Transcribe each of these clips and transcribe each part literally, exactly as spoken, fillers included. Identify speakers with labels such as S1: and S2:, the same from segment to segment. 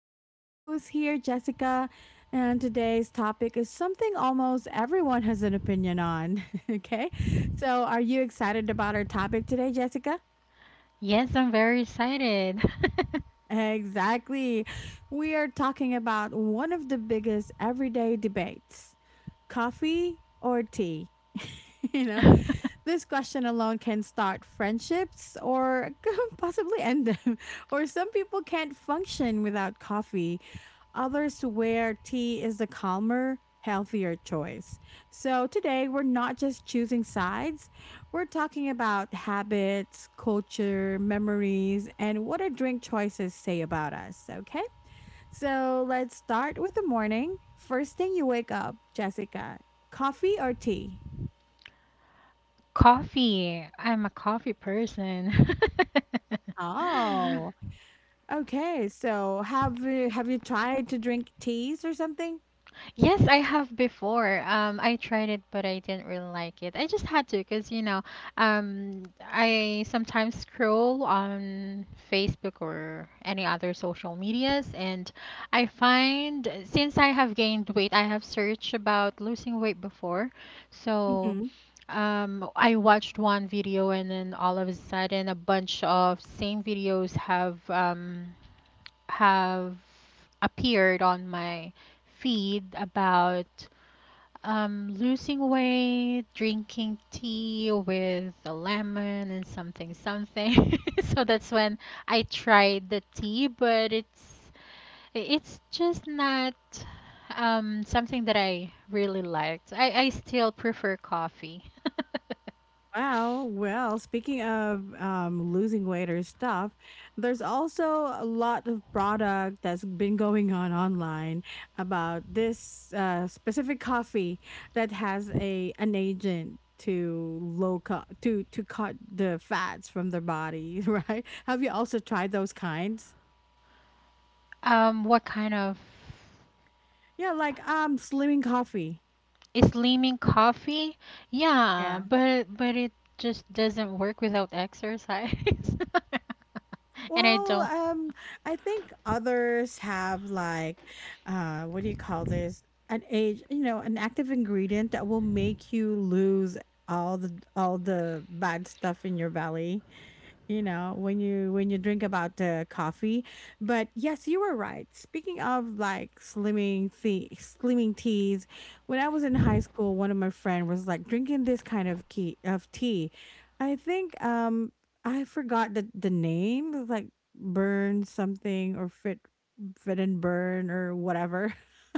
S1: have my co host here, Jessica. And today's topic is something almost everyone has an opinion on. Okay. So, are you excited about our topic today, Jessica?
S2: Yes, I'm very excited.
S1: Exactly. We are talking about one of the biggest everyday debates, coffee or tea. you know, This question alone can start friendships or possibly end them. Or some people can't function without coffee. Others swear tea is the calmer, healthier choice. So today, we're not just choosing sides, we're talking about habits, culture, memories, and what our drink choices say about us. Okay? So let's start with the morning. First thing you wake up, Jessica, coffee or tea?
S2: Coffee. I'm a coffee person.
S1: Oh. Okay, so have you have you tried to drink teas or something?
S2: Yes, I have before. Um, I tried it, but I didn't really like it. I just had to, cause you know, um, I sometimes scroll on Facebook or any other social medias, and I find since I have gained weight, I have searched about losing weight before, so.
S1: Hmm.
S2: Um, I watched one video and then all of a sudden a bunch of same videos have um, have appeared on my feed about um, losing weight, drinking tea with a lemon and something something. So that's when I tried the tea, but it's it's just not um, something that I really liked. I, I still prefer coffee.
S1: Well, well, speaking of um, losing weight or stuff, there's also a lot of product that's been going on online about this uh, specific coffee that has a an agent to low cut to to cut the fats from their body, right? Have you also tried those kinds?
S2: Um, what kind of
S1: Yeah, like um, slimming coffee.
S2: Is leaning coffee? Yeah,
S1: Yeah.
S2: but but it just doesn't work without exercise. And I
S1: Well,
S2: don't
S1: um, I think others have like, uh, what do you call this? An age, you know, an active ingredient that will make you lose all the all the bad stuff in your belly, you know, when you when you drink about the coffee. But yes, you were right, speaking of like slimming tea, slimming teas. When I was in high school, one of my friend was like drinking this kind of key of tea. I think, um I forgot the the name. It was like burn something or fit, fit and burn or whatever.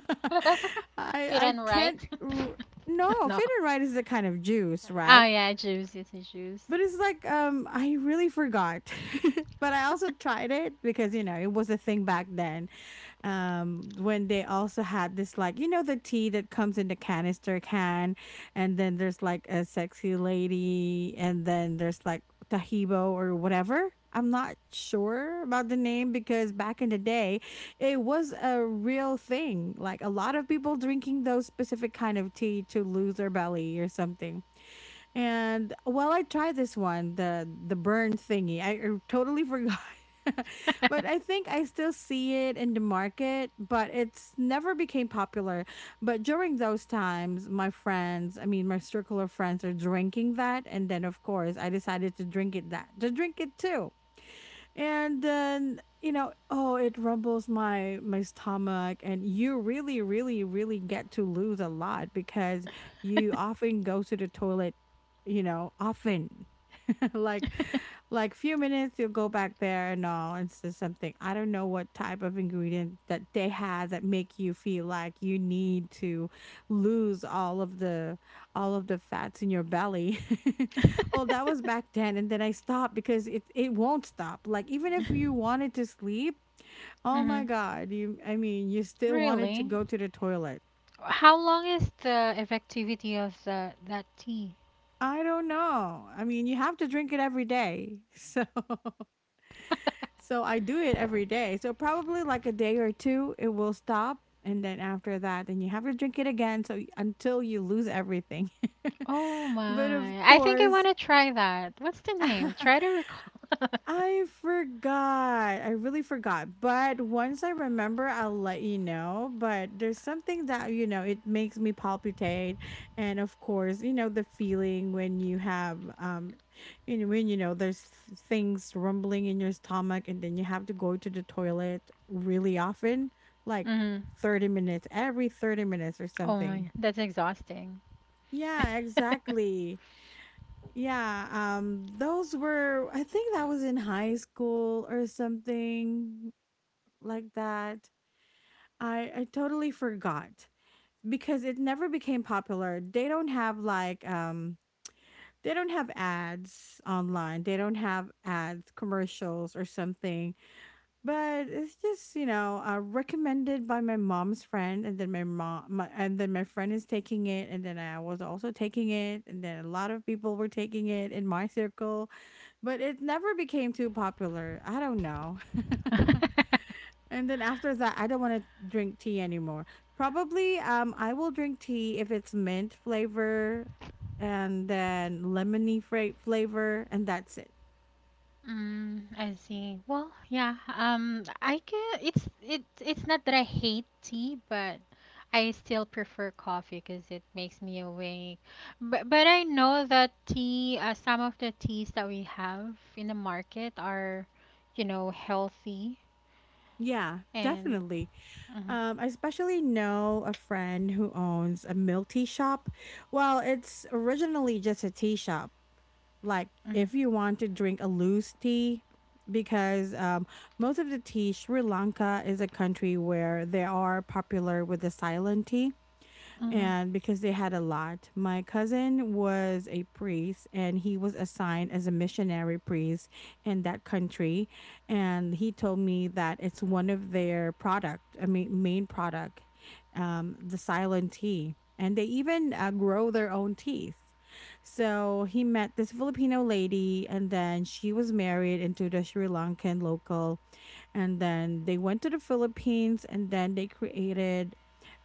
S1: i
S2: fit
S1: i
S2: and right.
S1: can't r- No,
S2: No.
S1: fit and right is a kind of juice,
S2: Oh
S1: right?
S2: yeah, juice is a juice.
S1: But it's like, um, I really forgot. But I also tried it because, you know, it was a thing back then. Um, when they also had this, like, you know, the tea that comes in the canister can. And then there's like a sexy lady. And then there's like Tahibo or whatever. I'm not sure about the name because back in the day, it was a real thing. Like a lot of people drinking those specific kind of tea to lose their belly or something. And well, I tried this one, the the burn thingy. I, I totally forgot. But I think I still see it in the market, but it's never became popular. But during those times, my friends, I mean my circle of friends are drinking that, and then of course I decided to drink it that to drink it too. And then, you know, oh, it rumbles my my stomach, and you really really really get to lose a lot because you often go to the toilet, you know, often. like like few minutes you'll go back there and all. And so something, I don't know what type of ingredient that they had that make you feel like you need to lose all of the all of the fats in your belly. Well, that was back then, and then I stopped because it it won't stop. Like, even if you wanted to sleep, oh my
S2: Hmm.
S1: god, you I mean, you still wanted to
S2: Really?
S1: go to the toilet.
S2: How long is the effectivity of the that tea?
S1: I don't know, I mean you have to drink it every day. So, so I do it every day. So probably like a day or two, it will stop. And then after that, then you have to drink it again. So y- until you lose everything.
S2: Oh
S1: But of
S2: my. I think I want
S1: course,
S2: to try that. What's the name? Try to recall.
S1: I forgot. I really forgot. But once I remember, I'll let you know. But there's something that, you know, it makes me palpitate. And of course, you know, the feeling when you have, um, you know, when you know there's f- things rumbling in your stomach and then you have to go to the toilet really often, like
S2: Hmm.
S1: thirty minutes, every thirty minutes or
S2: Oh
S1: something.
S2: my, that's exhausting.
S1: Yeah, exactly. Yeah, um those were, I think that was in high school or something like that. I I totally forgot because it never became popular. They don't have like um they don't have ads online. They don't have ads, commercials or something. But it's just, you know, uh, recommended by my mom's friend, and then my mom, my, and then my friend is taking it, and then I was also taking it, and then a lot of people were taking it in my circle, but it never became too popular. I don't know. And then after that, I don't want to drink tea anymore. Probably, um, I will drink tea if it's mint flavor, and then lemony fra- flavor, and that's it.
S2: Mm, I see. Well, yeah. Um, I can. It's it's it's not that I hate tea, but I still prefer coffee because it makes me awake. But but I know that tea. Uh, some of the teas that we have in the market are, you know, healthy
S1: Yeah,
S2: and.
S1: definitely. Um, I especially know a friend who owns a milk tea shop. Well, it's originally just a tea shop. Like,
S2: Mhm.
S1: if you want to drink a loose tea, because um, most of the tea, Sri Lanka is a country where they are popular with the silent tea,
S2: Mhm.
S1: and because they had a lot. My cousin was a priest and he was assigned as a missionary priest in that country, and he told me that it's one of their product, I mean main product, um the silent tea. And they even uh, grow their own teas. So he met this Filipino lady, and then she was married into the Sri Lankan local. And then they went to the Philippines, and then they created,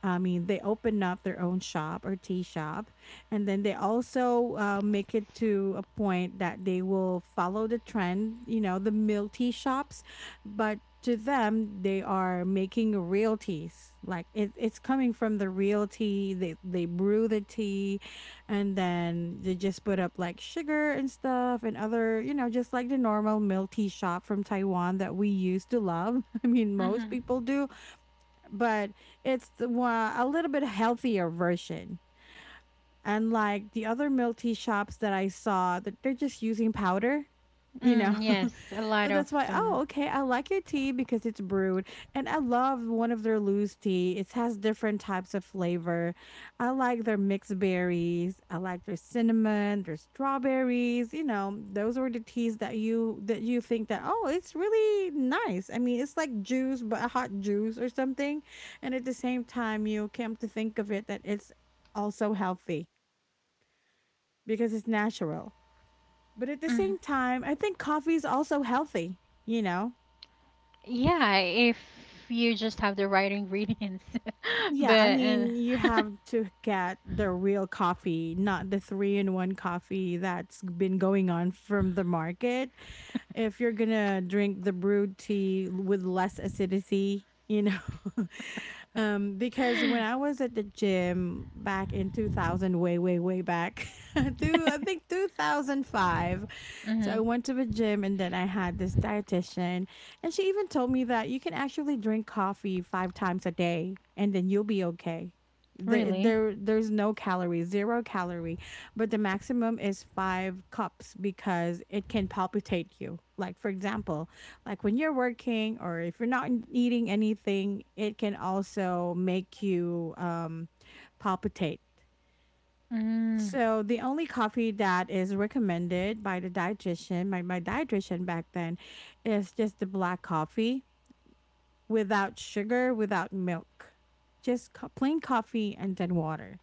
S1: I mean, they opened up their own shop or tea shop, and then they also uh, make it to a point that they will follow the trend, you know, the milk tea shops, but to them, they are making real teas. Like, it, it's coming from the real tea. They they brew the tea, and then they just put up like sugar and stuff and other, you know, just like the normal milk tea shop from Taiwan that we used to love. I mean most
S2: Mhm.
S1: people do. But it's the one, a little bit healthier version. And like the other milk tea shops that I saw, that they're just using powder, you know.
S2: Mm, yes, a
S1: So
S2: lot of
S1: that's why, oh,
S2: them.
S1: okay, I like your tea because it's brewed. And I love one of their loose tea. It has different types of flavor. I like their mixed berries. I like their cinnamon, their strawberries, you know, those were the teas that you that you think that, oh, it's really nice. I mean, it's like juice, but a hot juice or something. And at the same time, you come to think of it that it's also healthy because it's natural. But at the
S2: Mhm.
S1: same time, I think coffee is also healthy, you know?
S2: Yeah, if you just have the right ingredients.
S1: Yeah, I
S2: But uh,
S1: mean, you have to get the real coffee, not the three in one coffee that's been going on from the market. If you're gonna drink the brewed tea with less acidity, you know, um, because when I was at the gym back in two thousand, way, way, way back, to I think twenty oh five, so I
S2: Mhm.
S1: went to the gym, and then I had this dietitian, and she even told me that you can actually drink coffee five times a day, and then you'll be okay. There,
S2: Really?
S1: there, there's no calories, zero calorie, but the maximum is five cups because it can palpitate you. Like, for example, like when you're working or if you're not eating anything, it can also make you um, palpitate.
S2: Mm.
S1: So the only coffee that is recommended by the dietitian, my, my dietitian back then, is just the black coffee without sugar, without milk, just co- plain coffee and then water.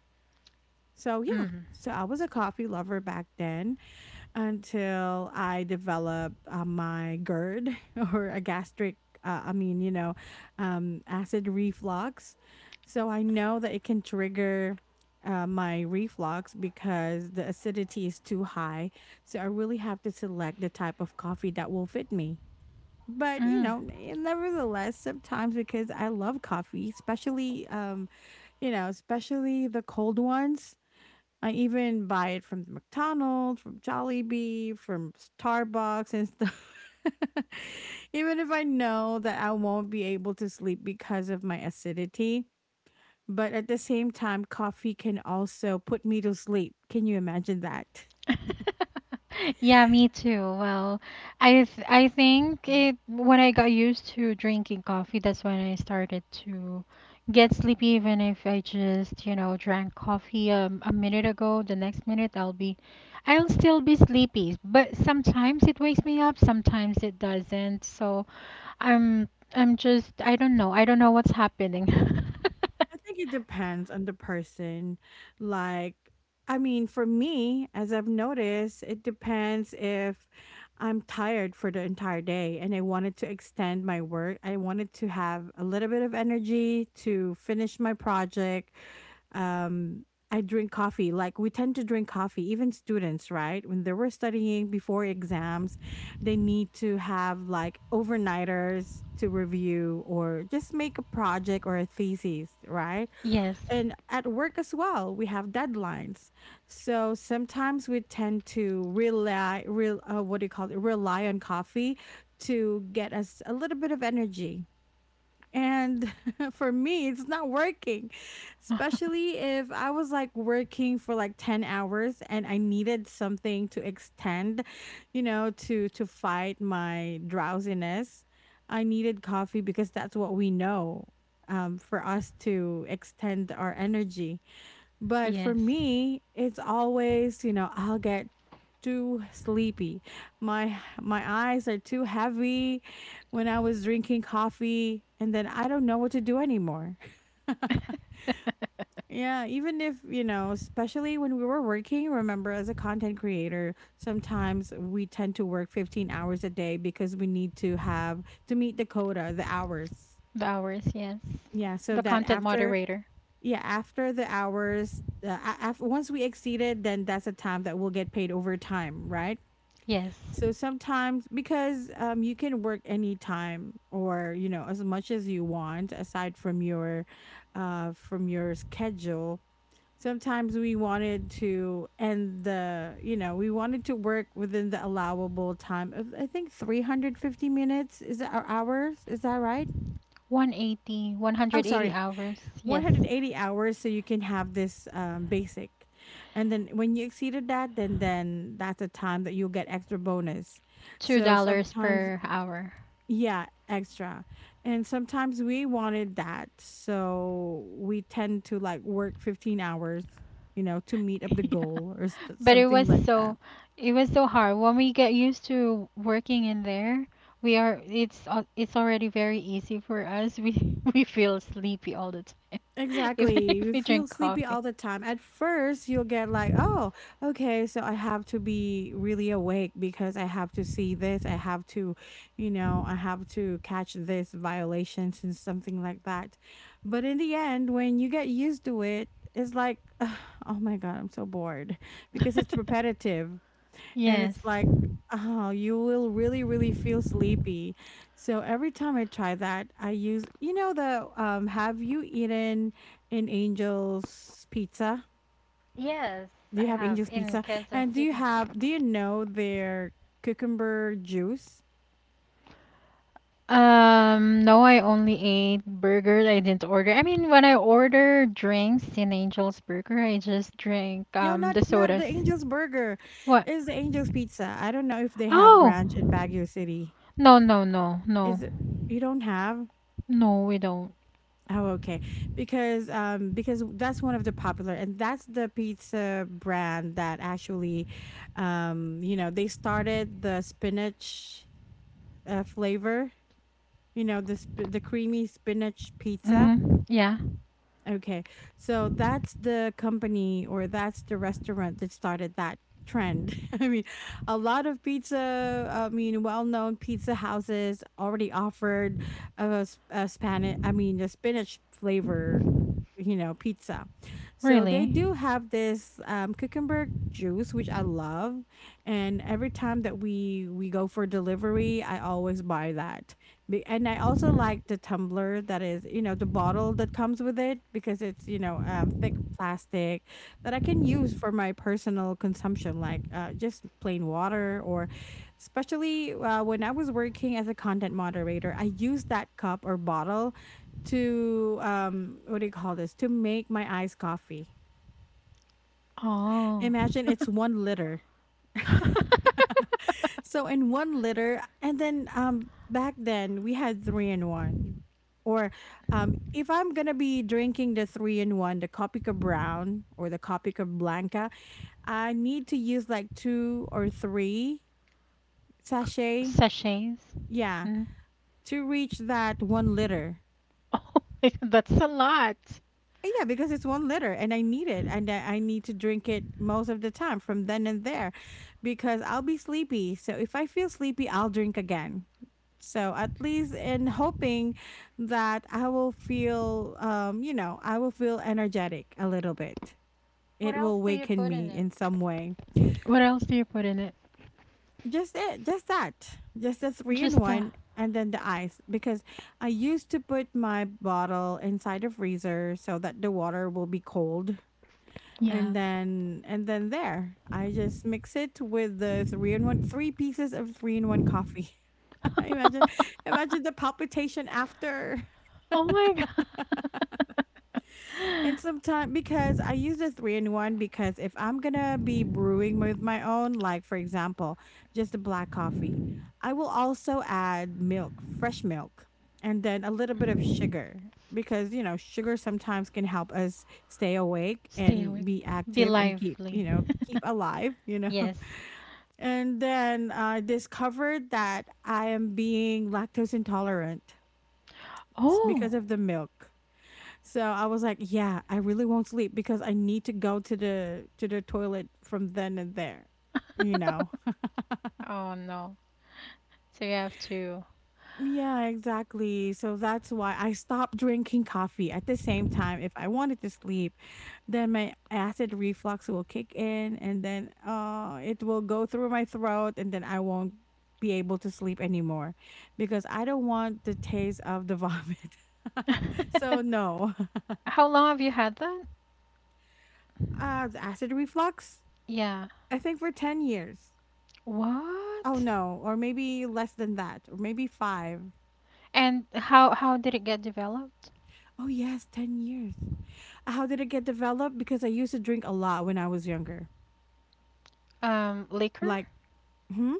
S1: So, yeah.
S2: Mm.
S1: So, I was a coffee lover back then until I developed uh, my GERD or a gastric, uh, I mean, you know, um, acid reflux. So, I know that it can trigger uh, my reflux because the acidity is too high. So, I really have to select the type of coffee that will fit me. But you
S2: Hmm.
S1: know, n- nevertheless, sometimes because I love coffee, especially um you know, especially the cold ones, I even buy it from McDonald's, from Jollibee, from Starbucks and stuff. Even if I know that I won't be able to sleep because of my acidity, but at the same time coffee can also put me to sleep, can you imagine that?
S2: Yeah, me too. Well, I th I think it when I got used to drinking coffee, that's when I started to get sleepy. Even if I just, you know, drank coffee um, a minute ago, the next minute I'll be, I'll still be sleepy. But sometimes it wakes me up, sometimes it doesn't. So I'm, I'm just, I don't know. I don't know what's happening.
S1: I think it depends on the person. Like, I mean, for me, as I've noticed, it depends if I'm tired for the entire day and I wanted to extend my work. I wanted to have a little bit of energy to finish my project. Um, I drink coffee. Like, we tend to drink coffee, even students, right? When they were studying before exams, they need to have like overnighters to review or just make a project or a thesis, right?
S2: Yes.
S1: And at work as well, we have deadlines. So sometimes we tend to rely, real, uh, what do you call it, rely on coffee to get us a little bit of energy. And for me, it's not working, especially if I was like working for like ten hours and I needed something to extend, you know, to to fight my drowsiness. I needed coffee because that's what we know um, for us to extend our energy, but for
S2: Yes.
S1: me, it's always, you know, I'll get too sleepy. My my eyes are too heavy when I was drinking coffee and then I don't know what to do anymore. Yeah, even if, you know, especially when we were working, remember, as a content creator, sometimes we tend to work fifteen hours a day because we need to have to meet the quota, the hours.
S2: The hours, yes.
S1: Yeah, so
S2: The
S1: that
S2: content
S1: after,
S2: moderator.
S1: yeah, after the hours, uh, after once we exceeded, then that's a time that we'll get paid overtime, right?
S2: Yes.
S1: So sometimes because um you can work anytime or, you know, as much as you want aside from your uh from your schedule. Sometimes we wanted to end the, you know, we wanted to work within the allowable time of I think three hundred fifty minutes is our hours, is that right?
S2: One hundred eighty, one
S1: Oh,
S2: hundred eighty
S1: sorry,
S2: hours. Yes.
S1: one hundred eighty hours, so you can have this um, basic, and then when you exceeded that, then then that's the time that you'll get extra bonus. So
S2: two dollars
S1: sometimes,
S2: per hour.
S1: yeah, extra. And sometimes we wanted that, so we tend to like work fifteen hours, you know, to meet up the
S2: Yeah.
S1: goal or s-
S2: But it
S1: something
S2: was
S1: like that.
S2: so it was so hard. When we get used to working in there, we are it's al- it's already very easy for us. We we feel sleepy all the time, even
S1: Exactly.
S2: if
S1: You
S2: we
S1: feel
S2: drink
S1: sleepy
S2: coffee.
S1: all the time. At first, you'll get like, oh, okay, so I have to be really awake because I have to see this. I have to, you know, I have to catch this violations and something like that. But in the end, when you get used to it, it's like, "Ugh, oh my God, I'm so bored because it's repetitive and
S2: Yes.
S1: it's like, oh, you will really, really feel sleepy. So every time I try that, I use, you know, the um, have you eaten an Angel's pizza?
S2: Yes,
S1: Do
S2: I
S1: you have
S2: have
S1: Angel's
S2: in
S1: pizza?
S2: Quezon
S1: And do you
S2: City.
S1: have, do you know their cucumber juice?
S2: Um, no, I only ate burgers. I didn't order. I mean, when I order drinks in Angel's Burger, I just drink
S1: No,
S2: um
S1: not
S2: the
S1: not the
S2: sodas.
S1: Angel's Burger.
S2: What?
S1: It's the Angel's Pizza. I don't know if they have
S2: Oh,
S1: branch in Baguio City.
S2: no, no, no, no,
S1: Is it you don't have?
S2: no, we don't.
S1: Oh, okay. Because um because that's one of the popular and that's the pizza brand that actually um you know, they started the spinach uh, flavor, you know, the sp- the creamy spinach pizza.
S2: Mm-hmm. Yeah,
S1: Okay. So that's the company or that's the restaurant that started that trend. I mean, a lot of pizza, I mean, well-known pizza houses already offered a, s- a Spanish, I mean, a spinach flavor, you know, pizza. So they
S2: really?
S1: do have this um, cucumber juice which I love, and every time that we we go for delivery I always buy that be and I also like the tumbler that is, you know, the bottle that comes with it because it's, you know, um, thick plastic that I can use for my personal consumption, like uh, just plain water or especially uh, when I was working as a content moderator, I used that cup or bottle to, um, what do you call this, to make my iced coffee.
S2: Oh,
S1: Imagine it's one liter. So in one liter, and then um back then we had three in one. Or um if I'm gonna be drinking the three in one, the Copica Brown or the Copica Blanca, I need to use like two or three sachet.
S2: sachets.
S1: Yeah,
S2: Mm.
S1: to reach that one liter.
S2: Oh, my God, that's a lot.
S1: Uh, Yeah, because it's one liter and I need it and I I need to drink it most of the time from then and there because I'll be sleepy. So if I feel sleepy, I'll drink again. So at least in hoping that I will feel, um, you know, I will feel energetic a little bit.
S2: What
S1: It
S2: else
S1: will
S2: do you
S1: waken
S2: put in
S1: me
S2: it?
S1: in some way.
S2: What else do you put in it?
S1: Just it, just that, just the three in
S2: Just uh,
S1: one, and then the ice. Because I used to put my bottle inside the freezer so that the water will be cold,
S2: yeah.
S1: and then and then there, I just mix it with the three in one, three pieces of three in one coffee. Imagine, imagine the palpitation after.
S2: Oh my god.
S1: And sometimes because I use the three in one because if I'm gonna be brewing with my own, like for example, just a black coffee, I will also add milk, fresh milk, and then a little bit of sugar because you know sugar sometimes can help us stay awake
S2: Stay
S1: and
S2: awake.
S1: be
S2: Be
S1: active and keep, you
S2: lively.
S1: know, keep alive, you know.
S2: Yes.
S1: And then I discovered that I am being lactose intolerant s-
S2: Oh.
S1: because of the milk, so I was like, yeah, I really won't sleep because I need to go to the to the toilet from then and there, you know.
S2: Oh no. So you have to.
S1: Yeah, exactly. So that's why I stopped drinking coffee at the same time. If I wanted to sleep, then my acid reflux will kick in and then uh it will go through my throat and then I won't be able to sleep anymore because I don't want the taste of the vomit. So no.
S2: How long have you had that?
S1: Uh acid reflux,
S2: Yeah.
S1: I think for ten years. Oh
S2: What?
S1: no, or maybe less than that, or maybe five.
S2: And how how did it get developed?
S1: Oh yes, ten years. How did it get developed? Because I used to drink a lot when I was younger.
S2: Um, liquor?
S1: Like, hmm?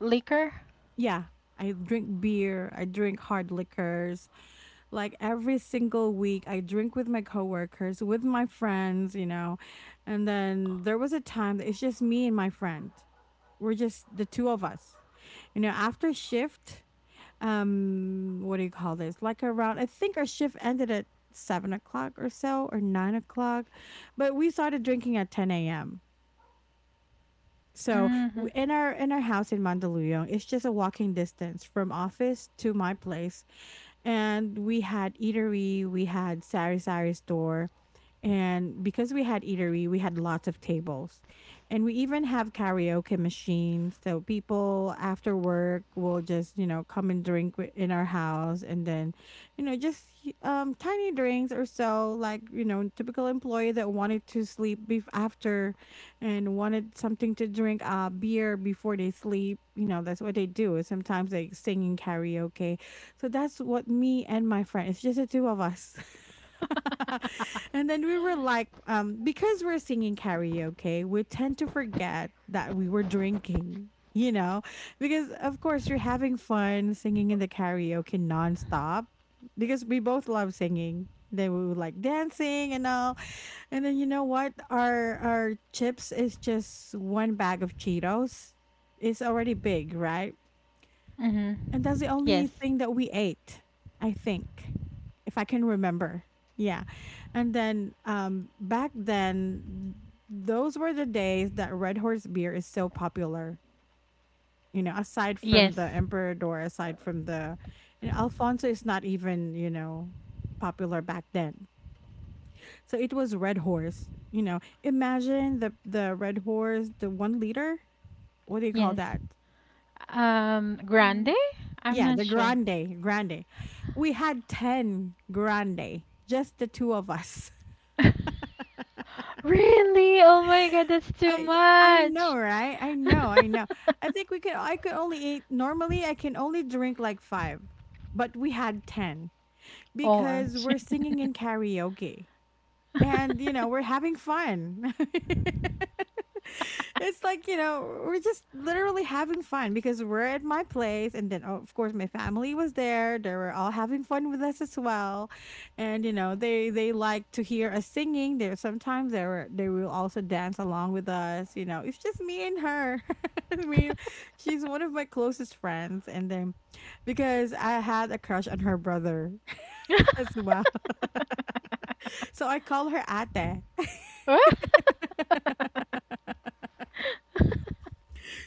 S2: Liquor?
S1: Yeah, I drink beer, I drink hard liquors. Like every single week, I drink with my coworkers, with my friends, you know. And then there was a time that it's just me and my friend. We're just the two of us. You know, after shift, um what do you call this like around I think our shift ended at seven o'clock or so or nine o'clock, but we started drinking at ten a.m. So
S2: Mm-hmm.
S1: w- in our in our house in Mandaluyong, it's just a walking distance from office to my place, and we had eatery, we had Sari Sari store. And because we had eatery, we had lots of tables. And we even have karaoke machines. So people after work will just, you know, come and drink wi- in our house, and then, you know, just um tiny drinks or so, like, you know, typical employee that wanted to sleep bef- after and wanted something to drink uh beer before they sleep. You know, that's what they do. Sometimes they sing in karaoke, so that's what me and my friend, it's just the two of us. And then we were like, um, because we're singing karaoke, we tend to forget that we were drinking, you know, because of course you're having fun singing in the karaoke nonstop because we both love singing. Then we would like dancing and all. And then, you know what? Our our chips is just one bag of Cheetos. It's already big, right?
S2: Mm-hmm.
S1: And that's the only
S2: Yes.
S1: thing that we ate, I think, if I can remember. Yeah. And then um back then, those were the days that Red Horse beer is so popular. You know, aside from
S2: Yes.
S1: the Emperador, aside from the, you know, Alfonso is not even, you know, popular back then. So it was Red Horse, you know. Imagine the the Red Horse, the one liter, what do you call
S2: Yes.
S1: that?
S2: Um, grande?
S1: Um,
S2: I'm
S1: Yeah,
S2: not
S1: the
S2: sure.
S1: grande, grande. We had ten grande, just the two of us.
S2: Really? Oh my god, that's too
S1: I I know,
S2: much.
S1: right? I know, I know. I think we could I could only eat normally I can only drink like five, but we had ten because we're
S2: O M G.
S1: singing in karaoke. And you know we're having fun. It's like, you know, we're just literally having fun because we're at my place, and then oh, of course my family was there, they were all having fun with us as well, and you know they they like to hear us singing there, sometimes they were they will also dance along with us, you know, it's just me and her. I mean, she's one of my closest friends, and then because I had a crush on her brother as well, so I call her ate.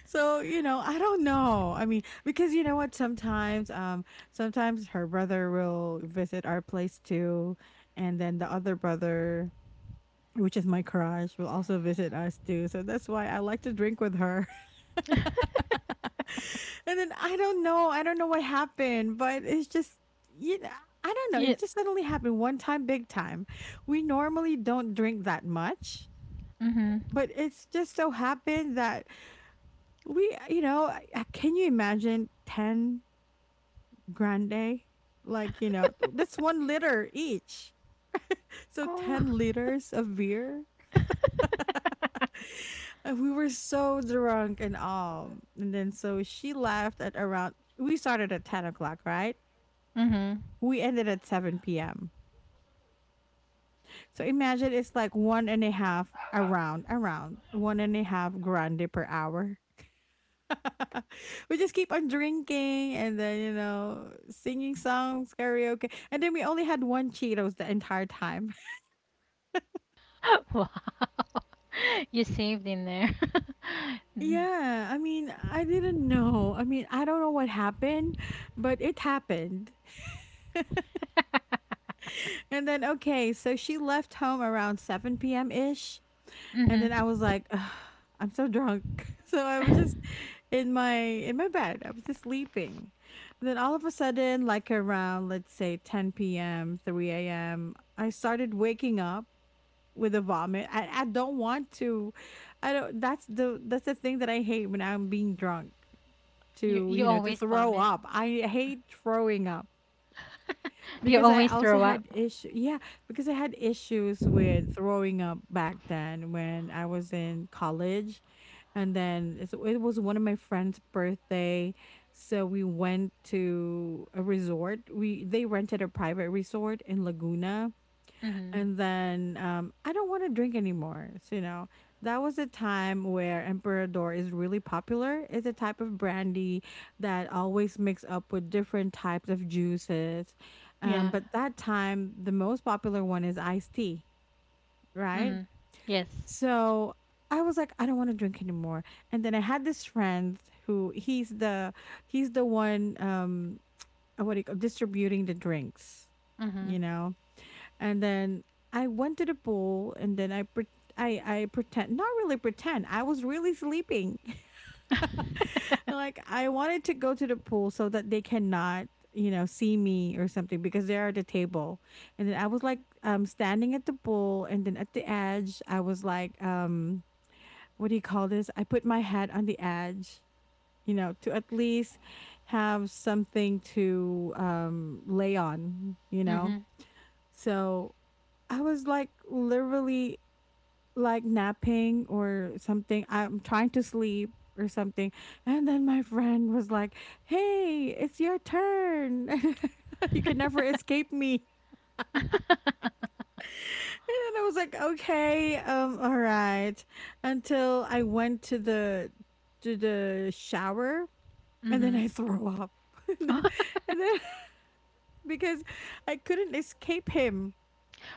S1: So, you know, I don't know. I mean, because you know what, sometimes um sometimes her brother will visit our place too, and then the other brother, which is my crush, will also visit us too. So that's why I like to drink with her. And then I don't know. I don't know what happened, but it's just, you know, I don't know.
S2: Yeah.
S1: It just suddenly happened one time big time. We normally don't drink that much,
S2: Mhm.
S1: but it's just so happened that we, you know, I- I- can you imagine ten grande? Like, you know, that's one liter each. So
S2: Oh.
S1: ten liters of beer. And we were so drunk and all. And then so she left at around, we started at ten o'clock, right?
S2: Mhm.
S1: We ended at seven p m. So imagine it's like one and a half, around, around one and a half grande per hour. We just keep on drinking, and then, you know, singing songs, karaoke, and then we only had one Cheetos the entire time.
S2: Wow. You saved in there. Mm.
S1: Yeah, I mean I didn't know, I mean I don't know what happened, but it happened. And then okay, so she left home around seven p.m ish. And then
S2: Mhm.
S1: I was like, "Ugh, I'm so drunk." So I was just in my in my bed. I was just sleeping. Then all of a sudden, like around, let's say ten p m, three a m, I started waking up with a vomit. I, I don't want to. I don't. That's the that's the thing that I hate when I'm being drunk.
S2: You
S1: To,
S2: you
S1: you know, to
S2: always
S1: throw
S2: vomit.
S1: up. I hate throwing up
S2: You
S1: because I
S2: always
S1: also
S2: throw up.
S1: had issue. Yeah, because I had issues with throwing up back then when I was in college. And then it's- it was one of my friend's birthday, so we went to a resort. We They rented a private resort in Laguna.
S2: Mm-hmm.
S1: And then um, I don't want to drink anymore. So you know that was a time where Emperador is really popular. It's a type of brandy that always mix up with different types of juices, um,
S2: Yeah.
S1: but that time the most popular one is iced tea, right?
S2: Mm-hmm. Yes.
S1: So I was like, I don't want to drink anymore. And then I had this friend who he's the he's the one, um uh, what do you call, distributing the drinks,
S2: Mm-hmm.
S1: you know. And then I went to the pool, and then I pre- I I pretend, not really pretend, I was really sleeping. Like I wanted to go to the pool so that they cannot, you know, see me or something, because they're at the table. And then I was like, um standing at the pool, and then at the edge I was like, um what do you call this? I put my hat on the edge, you know, to at least have something to um lay on, you know.
S2: Mm-hmm.
S1: So I was like literally like napping or something. I'm trying to sleep or something. And then my friend was like, "Hey, it's your turn." You can never escape me. And then I was like, "Okay, um, all right." Until I went to the to the shower, and then
S2: Mm-hmm.
S1: I throw up. and then and then- because I couldn't escape him.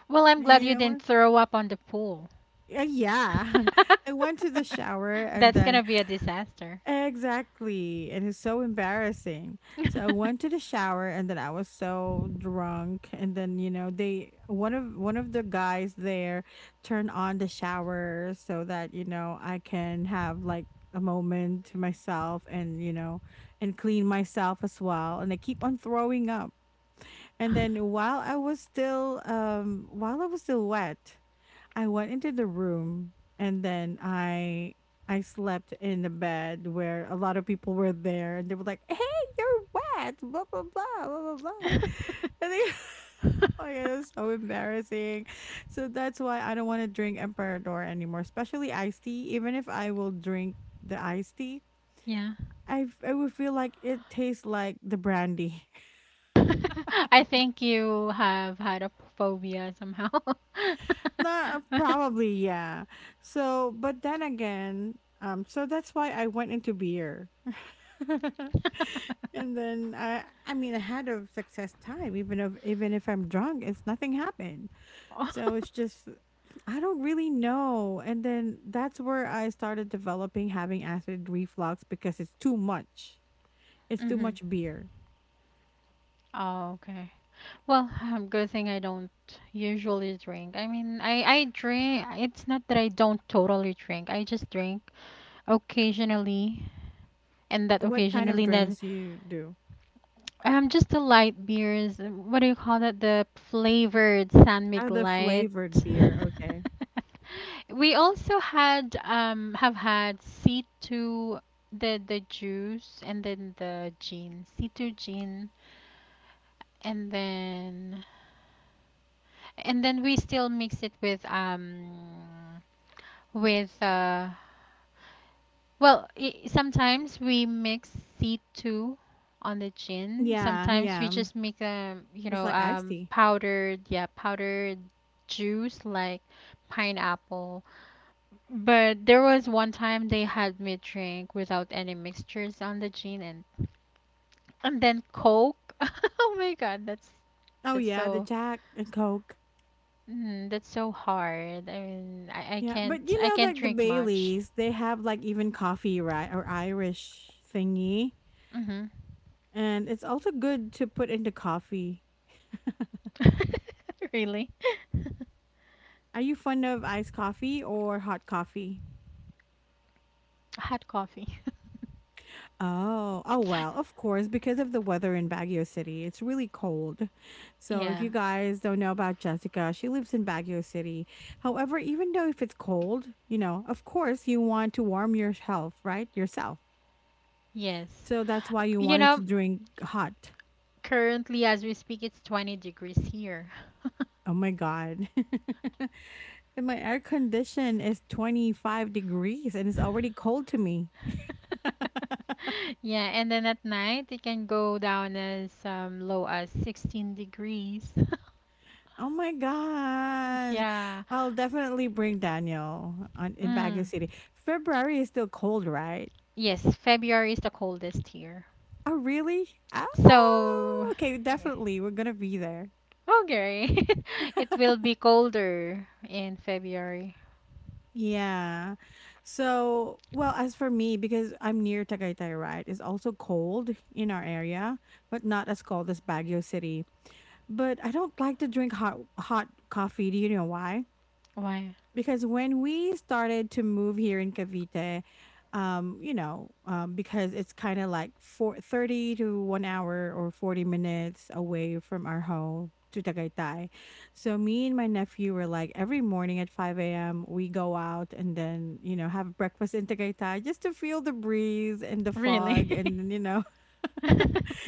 S2: Well, I'm
S1: And
S2: glad
S1: you
S2: you
S1: know
S2: didn't
S1: what?
S2: throw up on the pool.
S1: Uh, yeah. I went to the shower and
S2: That's
S1: then,
S2: gonna be a disaster.
S1: exactly. And it's so embarrassing. So I went to the shower and then I was so drunk. And then, you know, they, one of one of the guys there turned on the shower so that, you know, I can have like a moment to myself, and, you know, and clean myself as well. And I keep on throwing up. And then while I was still um while I was still wet, I went into the room, and then I I slept in the bed where a lot of people were there, and they were like, "Hey, you're wet," blah blah blah blah blah blah. And they, oh my god, it's so embarrassing. So that's why I don't want to drink Emperador anymore, especially iced tea. Even if I will drink the iced tea,
S2: Yeah.
S1: I f- I would feel like it tastes like the brandy.
S2: I think you have had a phobia somehow.
S1: Nah, probably, yeah. So, but then again, um, so that's why I went into beer. And then I I mean I had a success time, even if, even if I'm drunk, it's nothing happened. So it's just, I don't really know. And then that's where I started developing having acid reflux because it's too much. It's too
S2: Mm-hmm.
S1: much beer.
S2: Oh, okay. Well, good thing I don't usually drink. I mean, I I drink. It's not that I don't totally drink. I just drink occasionally, and that
S1: What kind of
S2: occasionally that
S1: drinks you do?
S2: um just the light beers. Uh, what do you call that? The flavored San Mig
S1: Oh, the
S2: Light.
S1: flavored beer. Okay.
S2: We also had um have had C two the the juice and then the gin. C two gin and then and then we still mix it with um with uh well I sometimes we mix C two on the gin.
S1: Yeah,
S2: Sometimes we
S1: yeah.
S2: just make um you
S1: Just
S2: know
S1: like iced
S2: um
S1: tea.
S2: powdered yeah powdered juice like pineapple. But there was one time they had me drink without any mixtures on the gin and and then Coke. Oh my God, that's
S1: Oh
S2: that's
S1: yeah, the
S2: so
S1: Jack and Coke.
S2: Mm, that's so hard. I mean, I, I
S1: Yeah,
S2: can't
S1: but you
S2: I
S1: know,
S2: can't
S1: like the
S2: drink much.
S1: Baileys, they have like even coffee, right, or Irish thingy.
S2: Mhm.
S1: And it's also good to put into coffee.
S2: Really?
S1: Are you fond of iced coffee or hot coffee?
S2: Hot coffee.
S1: Oh, oh well, of course, because of the weather in Baguio City, it's really cold. So if
S2: Yeah.
S1: you guys don't know about Jessica, she lives in Baguio City. However, even though if it's cold, you know, of course you want to warm your health, right? Yourself.
S2: Yes.
S1: So that's why you
S2: You
S1: wanted to
S2: know,
S1: drink hot.
S2: currently as we speak it's twenty degrees here.
S1: Oh my god. And my air condition is twenty-five degrees and it's already cold to me.
S2: Yeah, and then at night it can go down as um, low as sixteen degrees.
S1: Oh my gosh.
S2: Yeah.
S1: I'll definitely bring Daniel on in Baguio
S2: Mm.
S1: City. February is still cold, right?
S2: Yes, February is the coldest here.
S1: Oh, really?
S2: So,
S1: Oh, okay. Definitely. We're going to be there.
S2: oh, it will be colder in February.
S1: Yeah. So, well, as for me, because I'm near Tagaytay, right? It's also cold in our area, but not as cold as Baguio City. But I don't like to drink hot hot coffee. Do you know why?
S2: Why?
S1: Because when we started to move here in Cavite, um, you know, um, because it's kind of like four, thirty to one hour or forty minutes away from our home to Tagaytay. So me and my nephew were like every morning at five a m we go out and then, you know, have breakfast in Tagaytay just to feel the breeze and the
S2: Really?
S1: fog, and then, you know,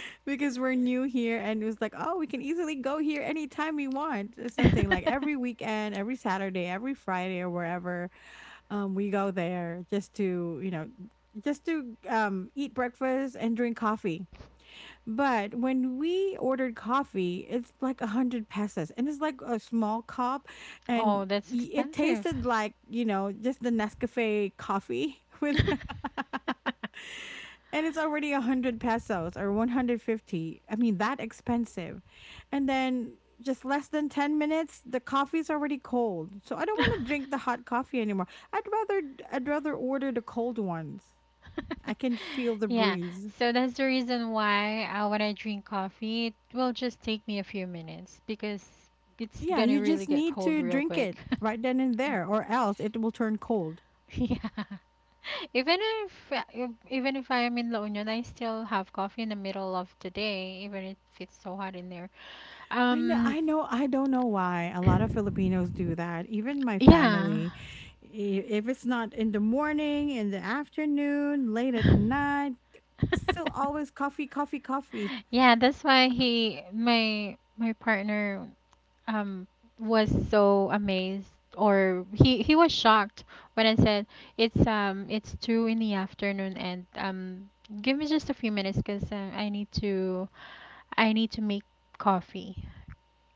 S1: because we're new here, and it was like, oh, we can easily go here anytime we want, or something, like every weekend, every Saturday, every Friday, or wherever um, we go there just to, you know, just to um, eat breakfast and drink coffee. But when we ordered coffee, it's like a hundred pesos, and it's like a small cup, and
S2: Oh, that's
S1: y- it
S2: expensive.
S1: tasted like, you know, just the Nescafe coffee. With, and it's already one hundred pesos or one hundred fifty, I mean, that expensive. And then just less than ten minutes, the coffee's already cold. So I don't want to drink the hot coffee anymore. i'd rather I'd rather order the cold ones. I can feel the
S2: Yeah,
S1: breeze.
S2: so that's the reason why uh, when I drink coffee, it will just take me a few minutes because it's
S1: Yeah,
S2: gonna
S1: you just
S2: really get
S1: need
S2: cold
S1: to
S2: real
S1: drink
S2: quick.
S1: it right then and
S2: Yeah.
S1: there, or else it will turn cold.
S2: Yeah. Even if if- even if I am in La Union, I still have coffee in the middle of the day, even if it's so hot in there.
S1: I know,
S2: Um,
S1: I know, I don't know why a lot of Filipinos do that. Even my
S2: yeah.
S1: family, i- if it's not in the morning, in the afternoon, late at night, still always coffee, coffee, coffee.
S2: Yeah, that's why he my my partner um was so amazed or he he was shocked when I said it's um it's two in the afternoon and um give me just a few minutes 'cause uh, I need to I need to make coffee.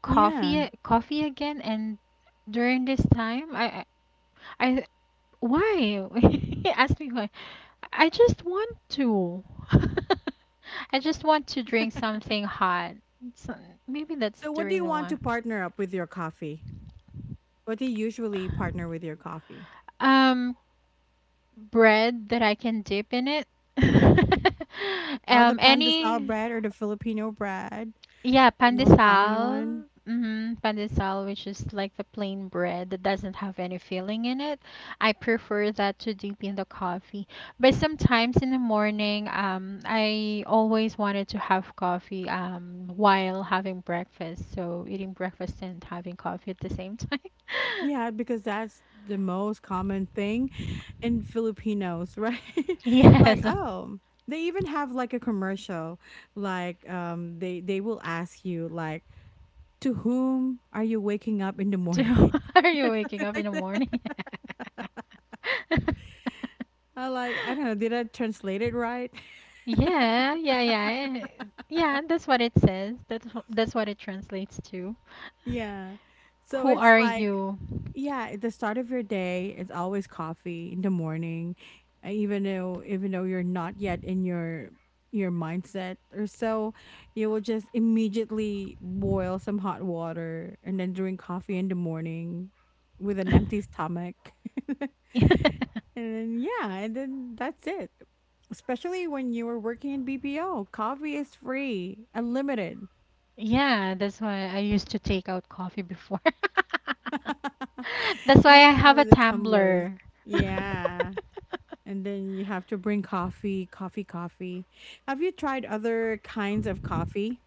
S2: coffee
S1: Yeah.
S2: a- coffee again and during this time I I, I why? He asked me why. I just want to. I just want to drink something hot. So maybe that's
S1: So
S2: the
S1: what do you
S2: reason
S1: want
S2: why.
S1: to partner up with your coffee? What do you usually partner with your coffee?
S2: Um, bread that I can dip in it.
S1: Oh, the
S2: Um,
S1: pandesal
S2: any
S1: bread or the Filipino bread,
S2: Yeah,
S1: the most common one.
S2: pandesal. Mm-hmm, pandesal, which is like the plain bread that doesn't have any filling in it. I prefer that to dip in the coffee. But sometimes in the morning, um, I always wanted to have coffee, um, while having breakfast. So eating breakfast and having coffee at the same time.
S1: Yeah, because that's the most common thing in Filipinos, right? Like,
S2: Yes.
S1: oh, they even have like a commercial, like um, they they will ask you like, to whom are you waking up in the
S2: So,
S1: morning?
S2: are you
S1: Or
S2: waking
S1: something
S2: up in
S1: like
S2: the
S1: that.
S2: morning?
S1: I like, I don't know, did I translate it right?
S2: Yeah, yeah, yeah. Eh, yeah, that's what it says. That's wh- that's what it translates to.
S1: Yeah. So
S2: Who
S1: it's
S2: are
S1: like,
S2: you?
S1: yeah, at the start of your day, it's always coffee in the morning, uh, even though even though you're not yet in your your mindset or so, you will just immediately boil some hot water and then drink coffee in the morning with an empty stomach. And then yeah, and then that's it. Especially when you were working in B P O, coffee is free, unlimited.
S2: Yeah, that's why I used to take out coffee before. That's why I
S1: Yeah,
S2: have a
S1: with the tumblers.
S2: tumbler.
S1: Yeah. And then you have to bring coffee, coffee, coffee. Have you tried other kinds of coffee?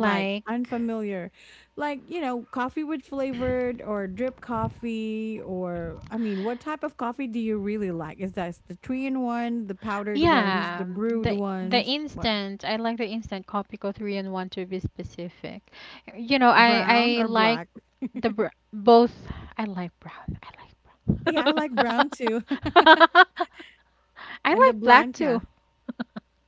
S1: Like unfamiliar, like, you know, coffee with flavored or drip coffee, or I mean, what type of coffee do you really like? Is that the three in one, the powdered ones, the
S2: Yeah,
S1: brewed
S2: the the
S1: ones? What?
S2: instant I like the instant Kopiko three and one to be specific. You know, I
S1: Brown
S2: I
S1: or
S2: like
S1: black?
S2: the br both I like brown. I
S1: Yeah, I like
S2: like
S1: brown too.
S2: brown. I
S1: And the
S2: like black too.
S1: Blanca.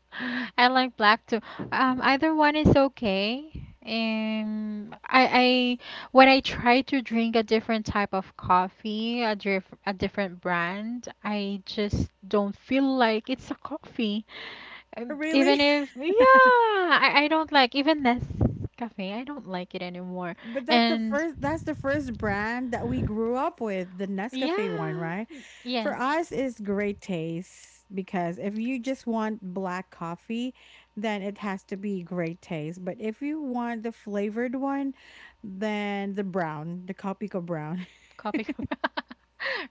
S2: I like black too. Um, either one is okay. Um, I, I when I try to drink a different type of coffee, a diff a different brand, I just don't feel like it's a coffee. Um,
S1: Really?
S2: Even if, yeah, I, I don't like even this cafe. I don't like it anymore.
S1: But that's the
S2: And
S1: first that's the first brand that we grew up with, the Nescafe one,
S2: yeah,
S1: right? For
S2: yes.
S1: us it's great taste because if you just want black coffee, then it has to be great taste. But if you want the flavored one, then the brown, the Copico brown.
S2: Copy.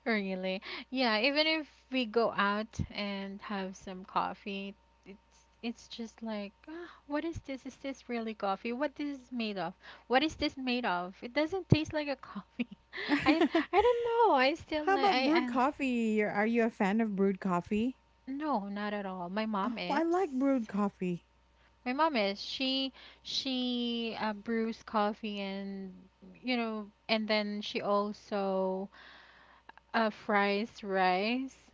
S2: Really. Yeah, even if we go out and have some coffee, it's it's just like, ah, what is this? Is this really coffee? What this is made of? What is this made of? It doesn't taste like a coffee. I I don't know. I still
S1: How
S2: like
S1: about
S2: I
S1: brewed
S2: I like
S1: coffee? You're- Are you a fan of brewed coffee?
S2: no, not at all. My mom
S1: Oh, I like
S2: is.
S1: brewed coffee.
S2: My mom is. She she uh, brews coffee and you know, and then she also uh, fries rice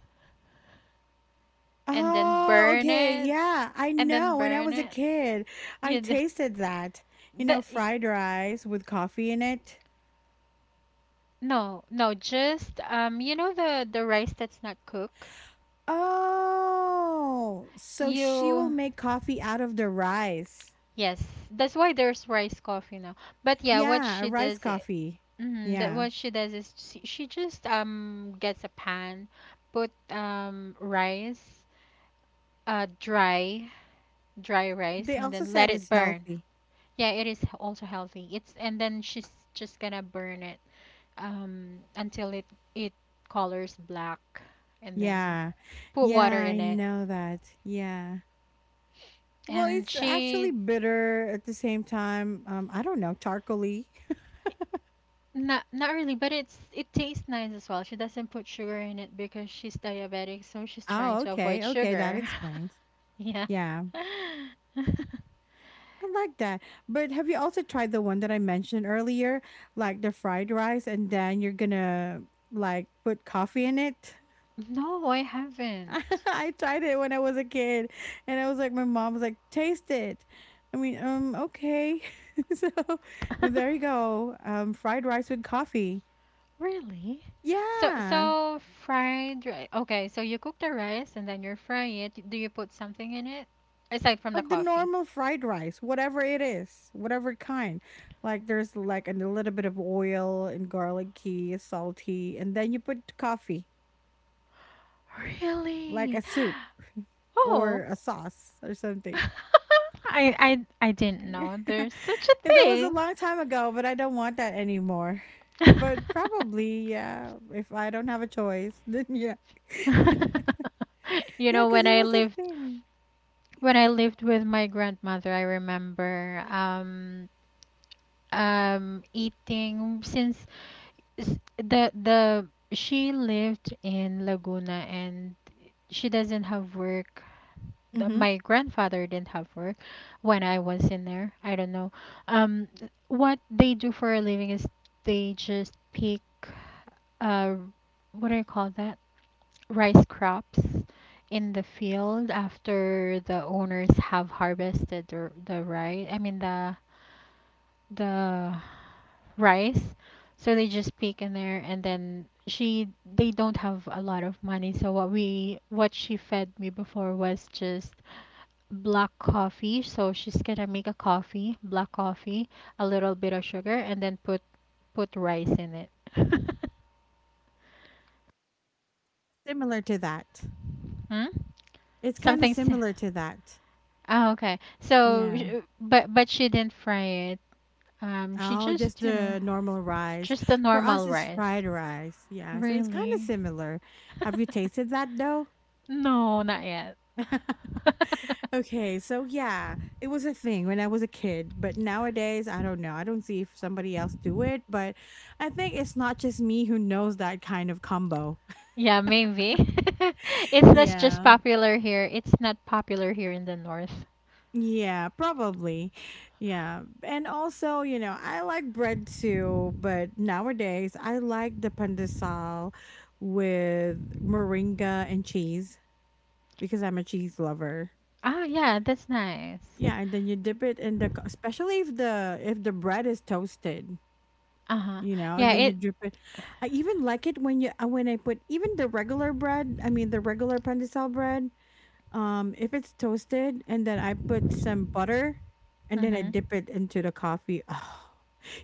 S2: and then
S1: Oh,
S2: burn
S1: okay,
S2: it
S1: yeah, I
S2: and then
S1: know, when I
S2: burn
S1: was a
S2: it
S1: kid, I
S2: you d-
S1: tasted that, you know,
S2: the y-
S1: fried rice with coffee in it.
S2: no no just um you know the the rice that's not cooked
S1: Oh, so she will
S2: you
S1: make coffee out of the rice.
S2: yes that's why there's rice coffee now but yeah what
S1: Yeah, a
S2: she
S1: rice
S2: does it
S1: coffee.
S2: mm, that
S1: Yeah.
S2: what she does is she, she just um gets a pan put um rice uh dry dry rice
S1: They
S2: and
S1: also
S2: then let
S1: said
S2: it
S1: it's
S2: burn
S1: healthy.
S2: yeah it is also healthy it's and then she's just gonna burn it um, until it it colors black, and then
S1: Yeah.
S2: put
S1: Yeah,
S2: water
S1: I
S2: in it.
S1: know that. Yeah. Well,
S2: And
S1: it's actually
S2: she
S1: bitter at the same time. Um, I don't know, charcoaly.
S2: not not really, but it's it tastes nice as well. She doesn't put sugar in it because she's diabetic, so she's trying
S1: Oh,
S2: to avoid
S1: okay. Okay, that
S2: sugar.
S1: explains.
S2: Yeah.
S1: Yeah. I like that. But have you also tried the one that I mentioned earlier, like the fried rice, and then you're gonna like put coffee in it?
S2: No, I haven't.
S1: I tried it when I was a kid, and I was like, my mom was like, taste it. I mean, um, okay. So there you go. Um, fried rice with coffee.
S2: Really? So
S1: Yeah.
S2: so fried rice. Okay, so you cook the rice and then you fry it. Do you put something in it aside from the
S1: Like the
S2: coffee?
S1: normal fried rice, whatever it is, whatever kind. Like there's like a little bit of oil and garlicky, salty, and then you put coffee. Like
S2: Really?
S1: a soup or
S2: Oh.
S1: a sauce or something.
S2: I I I didn't know there's such a
S1: And that was a
S2: thing.
S1: long time ago, but I don't want that anymore. But probably, yeah, if I don't have a choice, then yeah.
S2: You
S1: Yeah,
S2: know,
S1: because
S2: when
S1: it
S2: I
S1: was a
S2: lived
S1: thing.
S2: when I lived with my grandmother, I remember um um eating since s- the the she lived in Laguna and she doesn't have work th-
S1: Hmm.
S2: my grandfather didn't have work when I was in there. I don't know. Um, what they do for a living is they just pick uh, what do you call that? Rice crops in the field after the owners have harvested the the rice. I mean the the rice. So they just pick in there and then she they don't have a lot of money. So what we what she fed me before was just black coffee. So she's gonna make a coffee, black coffee, a little bit of sugar, and then put put rice in it.
S1: Similar to that.
S2: Hmm?
S1: It's kind of
S2: Something's
S1: similar to that.
S2: oh, okay. So,
S1: Yeah.
S2: sh- but but she didn't fry it. Um, she
S1: Oh, just
S2: just you know
S1: the normal rice.
S2: just the
S1: For us,
S2: normal
S1: it's
S2: rice.
S1: fried rice. Yeah. So it's kind of
S2: Really?
S1: similar. Have you tasted that though?
S2: No, not yet.
S1: Okay, so yeah, it was a thing when I was a kid, but nowadays I don't know. I don't see if somebody else do it, but I think it's not just me who knows that kind of combo.
S2: Yeah, maybe. It's that's just
S1: Yeah.
S2: popular here. It's not popular here in the north.
S1: Yeah, probably. Yeah. And also, you know, I like bread too, but nowadays I like the pandesal with moringa and cheese because I'm a cheese lover.
S2: Ah, yeah, that's nice.
S1: Yeah, and then you dip it in the co- especially if the if the bread is toasted.
S2: Uh-huh.
S1: You know, and
S2: Yeah,
S1: then you
S2: it.
S1: drip it. I even like it when you uh, when I put even the regular bread, I mean the regular pandesal bread, um if it's toasted and then I put some butter and then I
S2: Mm-hmm.
S1: dip it into the coffee. Oh.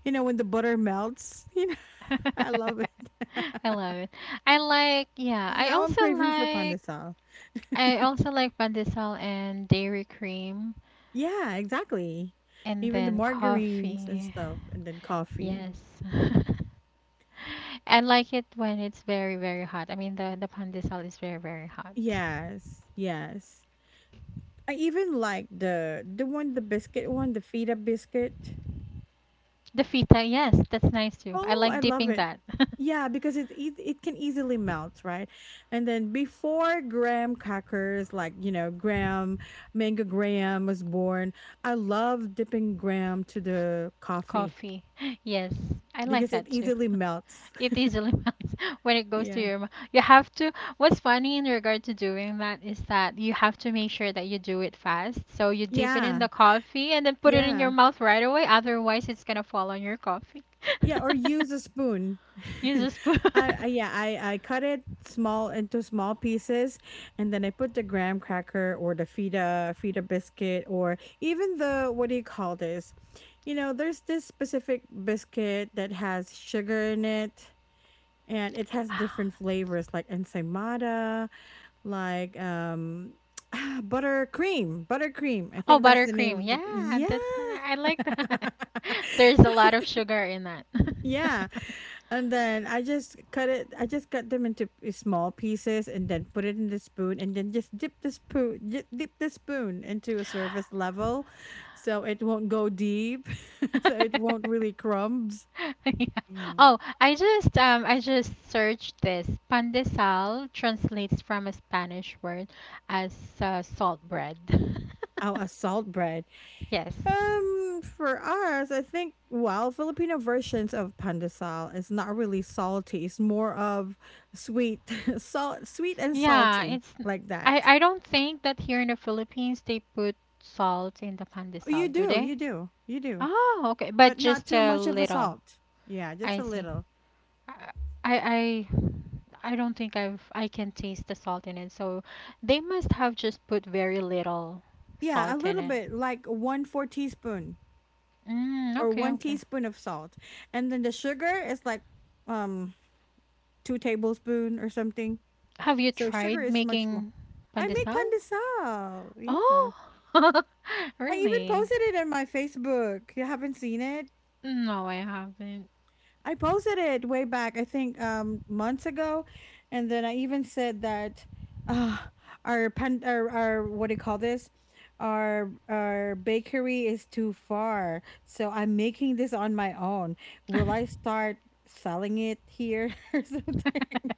S1: You know when the butter melts, you know. I love it.
S2: I love it. I like, yeah, I
S1: Now I'm
S2: also
S1: craving for
S2: like,
S1: pandesal.
S2: I also like pandesal and dairy cream
S1: Yeah, exactly.
S2: and
S1: Even the
S2: then
S1: margarines and
S2: coffee.
S1: stuff and then coffee.
S2: Yes. I like it when it's very, very hot. I mean, the, the pandesal is very, very hot.
S1: Yes, yes. I even like the the one, the biscuit one, the feta biscuit.
S2: The fita, yes, that's nice too. I
S1: Oh, I
S2: like
S1: love
S2: dipping
S1: it.
S2: that.
S1: Yeah, because it it, it can easily melt, right? And then before graham crackers, like you know, graham mango graham was born. I love dipping graham to the coffee
S2: Coffee. Yes, I like
S1: because it
S2: that too.
S1: easily melts.
S2: It easily melts when it goes to
S1: Yeah,
S2: your mouth. You have to. What's funny in regard to doing that is that you have to make sure that you do it fast. So you dip it in
S1: yeah,
S2: the coffee and then put it in your
S1: yeah.
S2: mouth right away. Otherwise, it's gonna fall on your coffee.
S1: Yeah, or use a spoon.
S2: Use a spoon.
S1: I, I yeah, I I cut it small into small pieces, and then I put the graham cracker or the feta feta biscuit or even the what do you call this? You know, there's this specific biscuit that has sugar in it, and it has different flavors like ensaymada, like um ah, buttercream, buttercream. I
S2: Oh,
S1: think that's the name
S2: buttercream.
S1: of the
S2: Yeah, that's. ni-
S1: yeah.
S2: I like that. There's a lot of sugar in that.
S1: Yeah. And then I just cut it. I just cut them into p- small pieces and then put it in the spoon and then just dip the spoon, di- dip the spoon into a surface level, so it won't go deep, so it won't really crumbs.
S2: Yeah.
S1: No, know,
S2: Oh, I just um I just searched this. Pandesal translates from a Spanish word as uh, salt bread.
S1: oh, a salt bread.
S2: Yes.
S1: Um, for us, I think well, Filipino versions of pandesal is not really salty. It's more of sweet, salt, sweet and
S2: Yeah,
S1: salty
S2: it's
S1: like
S2: I
S1: that.
S2: I don't think that here in the Philippines they put salt in the pandesal,
S1: You
S2: do
S1: do, you
S2: they?
S1: do, you do.
S2: Oh, okay,
S1: But
S2: but
S1: not
S2: just
S1: too
S2: a
S1: much of a
S2: little.
S1: salt. Yeah, just
S2: I
S1: a
S2: see.
S1: little.
S2: I I I don't think I've I can taste the salt in it, so they must have just put very little
S1: Yeah, a
S2: salt in
S1: little
S2: it.
S1: bit, like one four teaspoon
S2: Mm,
S1: or
S2: okay,
S1: one
S2: okay.
S1: teaspoon of salt. And then the sugar is like um two tablespoon or something.
S2: Have you
S1: So sugar
S2: tried
S1: is much more.
S2: making
S1: I make
S2: pandesal?
S1: pandesal. Yeah.
S2: Oh,
S1: I even
S2: really?
S1: posted it on my Facebook. You haven't seen it?
S2: No, I haven't.
S1: I posted it way back, I think um months ago, and then I even said that uh our pan our, our what do you call this? Our our bakery is too far. So I'm making this on my own. Will I start selling it here or something?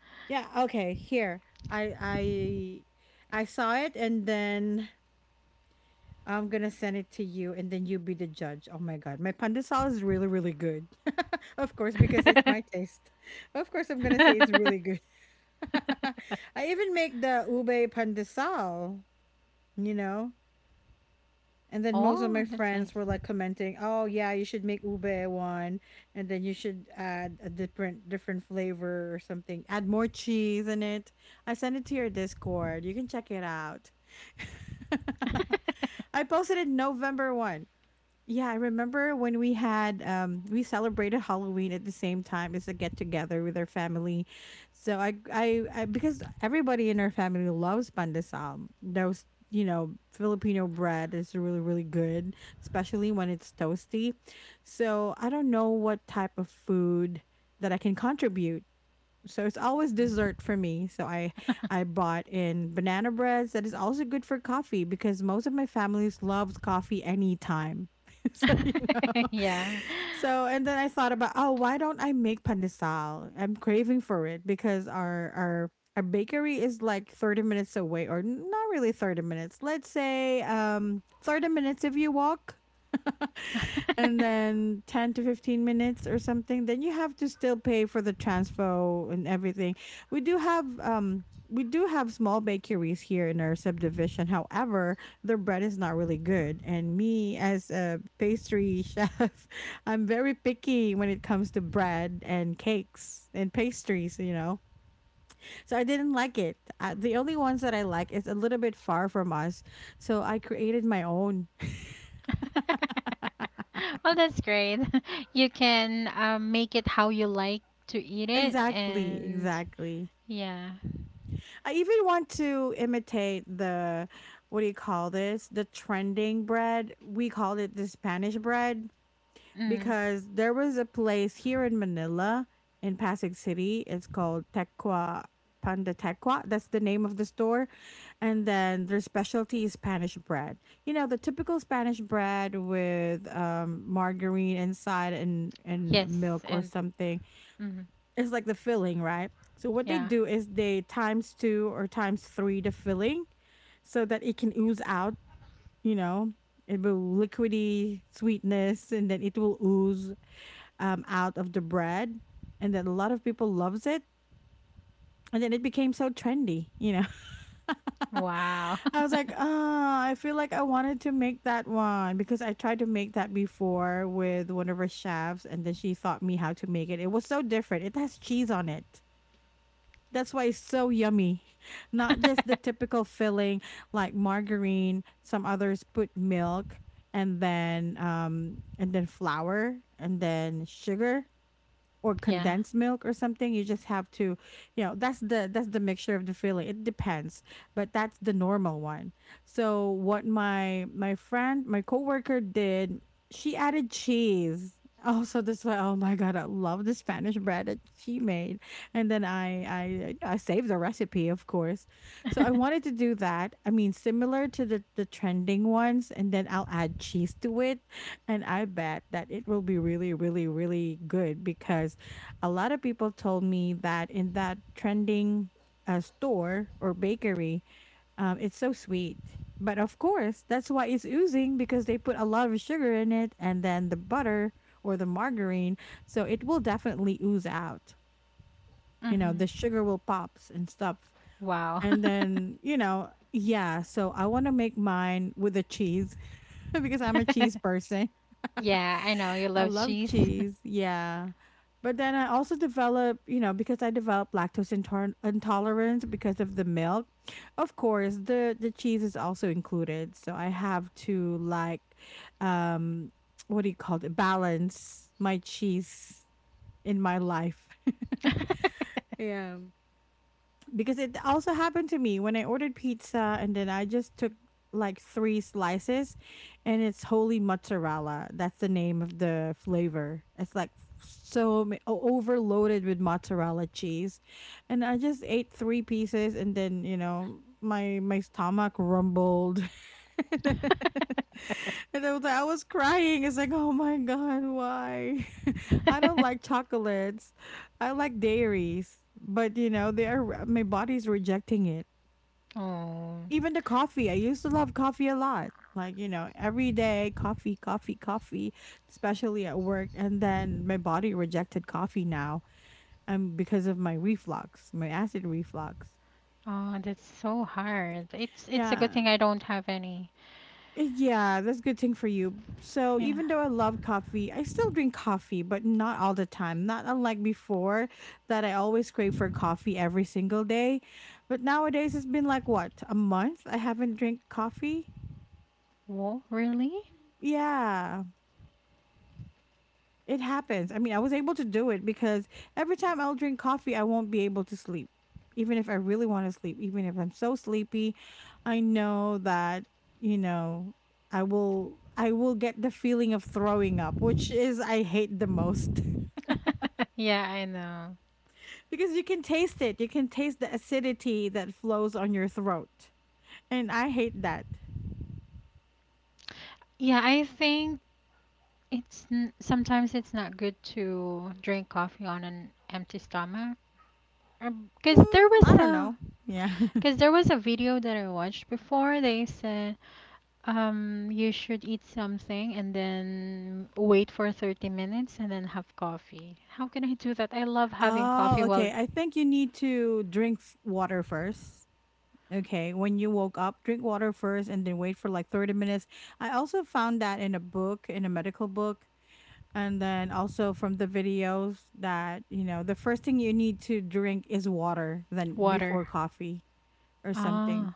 S1: Yeah, okay, here. I I I saw it and then I'm gonna send it to you and then you be the judge. Oh my god, my pandesal is really, really good. Of course, because it's my taste. Of course, I'm gonna say it's really good. I even make the ube pandesal, you know? And then most
S2: Oh,
S1: of my
S2: that's nice.
S1: friends were like commenting, "Oh yeah, you should make ube one, and then you should add a different different flavor or something. Add more cheese in it." I sent it to your Discord. You can check it out. I posted it November first. Yeah, I remember when we had um we celebrated Halloween at the same time as a get together with our family. So I, I I because everybody in our family loves pandesal. Those you know Filipino bread is really really good, especially when it's toasty. So I don't know what type of food that I can contribute so it's always dessert for me. So I I bought in banana breads that is also good for coffee because most of my families loves coffee anytime. So you know.
S2: Yeah.
S1: So and then I thought about, oh, why don't I make pandesal? I'm craving for it because our our our bakery is like thirty minutes away or not really thirty minutes. Let's say um thirty minutes if you walk. And then ten to fifteen minutes or something then you have to still pay for the transfo and everything. we do have um we do have small bakeries here in our subdivision, however their bread is not really good and me as a pastry chef, I'm very picky when it comes to bread and cakes and pastries, you know. So I didn't like it. Uh, the only ones that I like is a little bit far from us, so I created my own.
S2: Well, that's great. You can um, make it how you like to eat it,
S1: Exactly
S2: and
S1: exactly.
S2: yeah.
S1: I even want to imitate the what do you call this? The trending bread. We called it the Spanish bread
S2: Mm.
S1: because there was a place here in Manila, in Pasig City. It's called Tequa Panda Tequa. That's the name of the store. And then their specialty is Spanish bread. You know, the typical Spanish bread with um, margarine inside and and
S2: Yes,
S1: milk or
S2: and
S1: something.
S2: mhm.
S1: It's like the filling, right? So what they
S2: Yeah.
S1: do is they times two or times three the filling so that it can ooze out, you know. It will liquidy sweetness and then it will ooze um, out of the bread. And then a lot of people loves it. And then it became so trendy, you know.
S2: Wow.
S1: I was like, oh, I feel like I wanted to make that one because I tried to make that before with one of her chefs, and then she taught me how to make it. It was so different. It has cheese on it. That's why it's so yummy. Not just the typical filling like margarine, some others put milk and then um and then flour and then sugar or
S2: Yeah.
S1: condensed milk or something. You just have to you know that's the that's the mixture of the filling. It depends, but that's the normal one. So what my my friend, my coworker did, she added cheese. Oh, so this way, oh my god, I love the Spanish bread that she made. And then i i I saved the recipe, of course. So I wanted to do that, I mean similar to the the trending ones, and then I'll add cheese to it, and I bet that it will be really, really, really good because a lot of people told me that in that trending uh, store or bakery, um, it's so sweet. But of course, that's why it's oozing because they put a lot of sugar in it, and then the butter or the margarine. So it will definitely ooze out. You know, the
S2: Mhm.
S1: sugar will pops and stuff.
S2: Wow.
S1: And then, you know, yeah. So I want to make mine with a cheese because I'm a cheese person.
S2: Yeah, I know you
S1: I
S2: love
S1: love
S2: cheese.
S1: cheese. Yeah. But then I also develop, you know, because I developed lactose intoler- intolerance because of the milk. Of course, the the cheese is also included, so I have to like um what do you call it? Balance my cheese in my life. Yeah, because it also happened to me when I ordered pizza and then I just took like three slices, and it's holy mozzarella. That's the name of the flavor. It's like so ma- o- overloaded with mozzarella cheese. And I just ate three pieces and then, you know, my my stomach rumbled. And I was, like, I was crying. It's like, oh my God, why? I don't like chocolates. I like dairies, but you know, they are my body's rejecting it.
S2: Oh.
S1: Even the coffee, I used to love coffee a lot. Like, you know, every day coffee, coffee, coffee, especially at work. And then my body rejected coffee now um because of my reflux, my acid reflux.
S2: Oh, that's so hard. It's it's a
S1: Yeah.
S2: good thing I don't have any.
S1: Yeah, that's a good thing for you. So
S2: Yeah.
S1: even though I love coffee, I still drink coffee, but not all the time. Not unlike before that I always crave for coffee every single day. But nowadays it's been like what, a month I haven't drank coffee?
S2: Whoa, really?
S1: Yeah. It happens. I mean, I was able to do it because every time I'll drink coffee, I won't be able to sleep. Even if I really want to sleep, even if I'm so sleepy, I know that, you know, I will I will get the feeling of throwing up, which is I hate the most
S2: Yeah, I know.
S1: because you can taste it. You can taste the acidity that flows on your throat. And I hate that.
S2: Yeah, I think it's n sometimes it's not good to drink coffee on an empty stomach. Um 'cause cause there
S1: Mm,
S2: was
S1: I don't
S2: a
S1: know. Yeah.
S2: cause there was a video that I watched before. They said um you should eat something and then wait for thirty minutes and then have coffee. How can I do that? I love having coffee
S1: oh,
S2: while
S1: okay. I think you need to drink f- water first. Okay, when you woke up, drink water first and then wait for like thirty minutes. I also found that in a book, in a medical book, and then also from the videos that, you know, the first thing you need to drink is water than
S2: water.
S1: before coffee or
S2: Ah.
S1: something.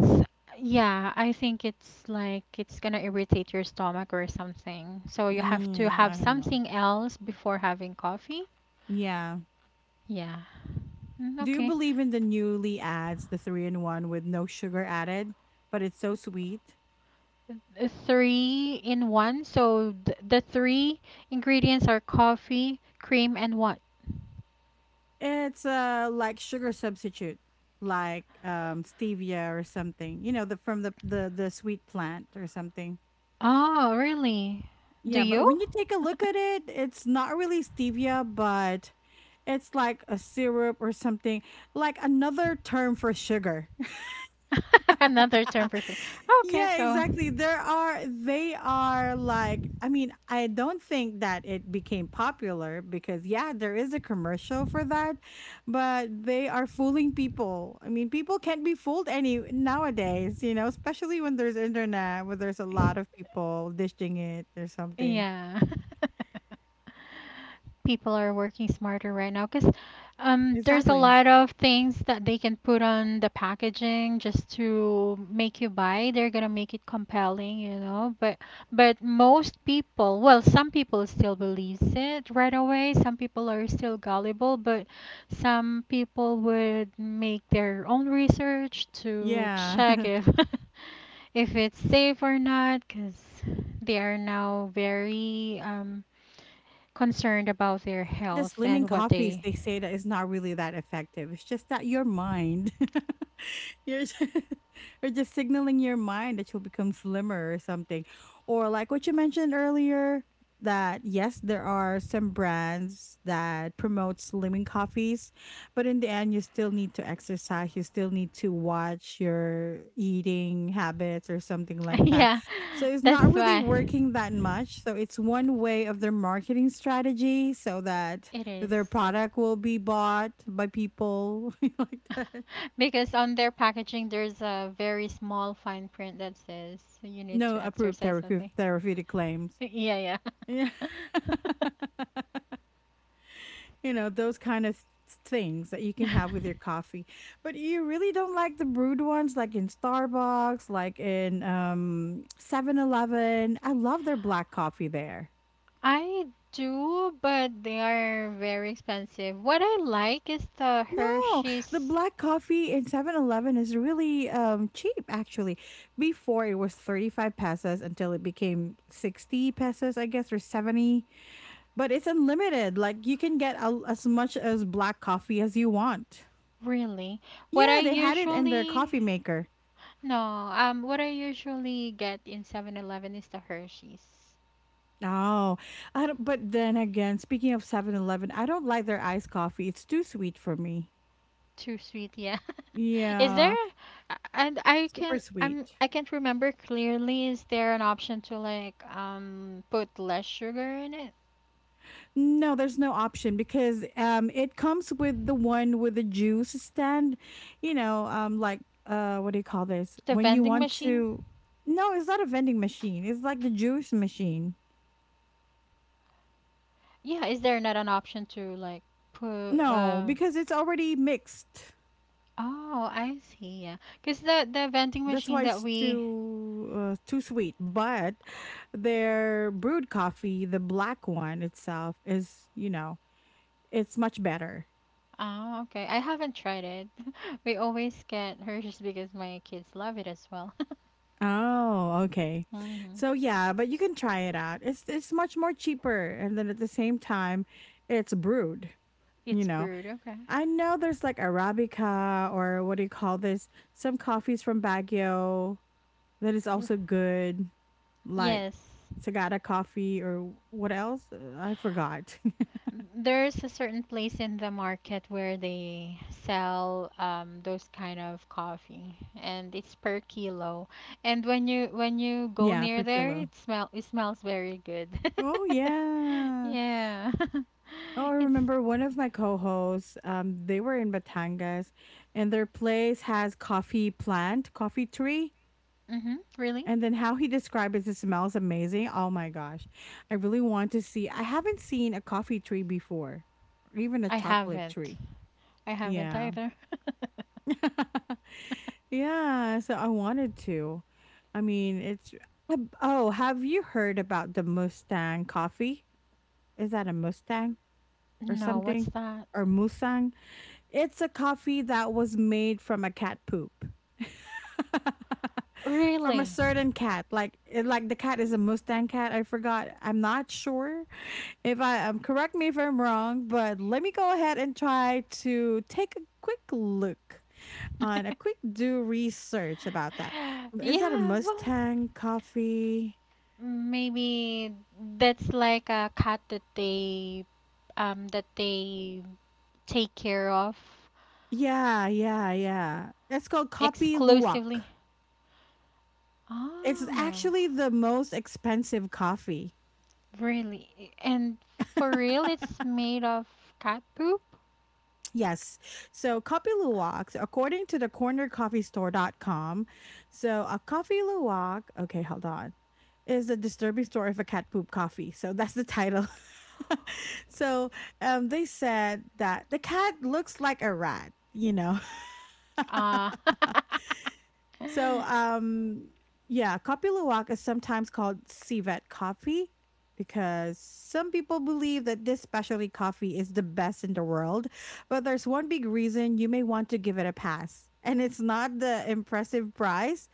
S2: S yeah, I think it's like it's gonna irritate your stomach or something. So you have to
S1: Yeah,
S2: have
S1: I don't know.
S2: something else before having coffee.
S1: Yeah.
S2: Yeah. Mm,
S1: Do you
S2: okay.
S1: believe in the newly ads, the three in one with no sugar added, but it's so sweet?
S2: uh, three in one. So th- the three ingredients are coffee, cream, and what?
S1: It's uh like sugar substitute, like um stevia or something. You know, the from the the the sweet plant or something.
S2: Oh, really? Do
S1: Yeah, but
S2: you?
S1: when you take a look at it, it's not really stevia, but it's like a syrup or something, like another term for sugar.
S2: Another term for sure. Okay,
S1: Yeah,
S2: so
S1: exactly. There are they are like I mean, I don't think that it became popular because yeah, there is a commercial for that, but they are fooling people. I mean, people can't be fooled any nowadays, you know, especially when there's internet, where there's a lot of people dishing it or something.
S2: yeah. People are working smarter right now because um, there's a
S1: Exactly.
S2: lot of things that they can put on the packaging just to make you buy. They're gonna make it compelling, you know. But but most people, well, some people still believes it right away. Some people are still gullible, but some people would make their own research to
S1: Yeah.
S2: check if if it's safe or not, because they are now very um, concerned about their
S1: The
S2: health
S1: slimming
S2: and what
S1: coffees,
S2: they
S1: they say that is not really that effective. It's just that your mind. You're just, you're just signaling your mind that you'll become slimmer or something. Or like what you mentioned earlier, that yes, there are some brands that promote slimming coffees, but in the end, you still need to exercise. You still need to watch your eating habits or something like that.
S2: yeah,
S1: So it's
S2: that's
S1: not really
S2: why
S1: working that much. So it's one way of their marketing strategy so that
S2: it is
S1: their product will be bought by people like that.
S2: because on their packaging there's a very small fine print that says you need
S1: No
S2: to
S1: approved
S2: exercise
S1: therapeu
S2: something.
S1: therapeutic claims.
S2: Yeah, yeah.
S1: Yeah. You know, those kind of things that you can have with your coffee. But you really don't like the brewed ones like in Starbucks, like in um Seven Eleven. I love their black coffee there.
S2: I do, but they are very expensive. What I like is the
S1: No, the
S2: Hershey's,
S1: black coffee in Seven Eleven is really um cheap actually. Before it was thirty-five pesos until it became sixty pesos, I guess, or seventy. But it's unlimited. Like you can get a, as much as black coffee as you want.
S2: really. What I
S1: Yeah, they had it in their
S2: usually,
S1: coffee maker.
S2: no, um, what I usually get in Seven Eleven is the Hershey's.
S1: Oh, I don't, but then again, speaking of Seven Eleven, I don't like their iced coffee. It's too sweet for me.
S2: Too sweet, yeah. Is there
S1: Yeah,
S2: and I
S1: super
S2: can I'm
S1: sweet.
S2: I can't remember clearly, is there an option to like um put less sugar in it?
S1: No, there's no option because um it comes with the one with the juice stand, you know, um like uh what do you call this?
S2: The
S1: When you
S2: vending
S1: want
S2: machine?
S1: to— No, it's not a vending machine. It's like the juice machine.
S2: Yeah, is there not an option to like put
S1: No,
S2: uh
S1: because it's already mixed.
S2: oh, I see, yeah. 'Cause the the vending
S1: That's
S2: machine
S1: why
S2: that
S1: it's
S2: we
S1: too uh, too sweet. But their brewed coffee, the black one itself, is you know it's much better.
S2: oh, okay. I haven't tried it. We always get hers because my kids love it as well.
S1: Oh, okay.
S2: Hmm.
S1: So yeah, but you can try it out. It's it's much more cheaper, and then at the same time, it's brewed. You
S2: It's
S1: know,
S2: brewed, okay.
S1: I know there's like Arabica or what do you call this? Some coffees from Baguio. That is
S2: R-
S1: also good, like
S2: Yes.
S1: Sagada coffee or what else? Uh, I forgot.
S2: There's a certain place in the market where they sell um, those kind of coffee, and it's per kilo. And when you when you go
S1: Yeah,
S2: near
S1: per
S2: there,
S1: kilo.
S2: it smell it smells very good.
S1: Oh yeah.
S2: Yeah,
S1: Oh, I
S2: it's
S1: remember one of my co-hosts. Um, they were in Batangas, and their place has coffee plant, coffee tree,
S2: mm-hmm, really?
S1: and then how he described it, it smells amazing. Oh my gosh, I really want to see. I haven't seen a coffee tree before, or even a
S2: I
S1: chocolate
S2: haven't.
S1: tree.
S2: I haven't
S1: Yeah.
S2: either.
S1: Yeah, so I wanted to. I mean, it's ab- oh, have you heard about the Mustang coffee? Is that a Mustang or
S2: No, what's
S1: something?
S2: that?
S1: Or Musang? It's a coffee that was made from a cat poop. From a
S2: Really?
S1: certain cat. Like it, like the cat is a Mustang cat. I forgot. I'm not sure if I um, correct me if I'm wrong, but let me go ahead and try to take a quick look on a quick do research about that. Is that a
S2: Yeah, well,
S1: Mustang coffee?
S2: maybe that's like a cat that they um that they take care of
S1: Yeah, yeah, yeah. It's called Kopi
S2: exclusively.
S1: Luwak. It's
S2: Ah,
S1: actually the most expensive coffee.
S2: really? And for real, it's made of cat poop?
S1: Yes. So coffee luwak, so according to the corner coffee store dot com, so a coffee luwak, okay, hold on, is the disturbing story of a cat poop coffee. So that's the title. so um, they said that the cat looks like a rat, you know.
S2: Ah.
S1: So, um, yeah, Kopi Luwak is sometimes called civet coffee because some people believe that this specialty coffee is the best in the world. But there's one big reason you may want to give it a pass, and it's not the impressive price.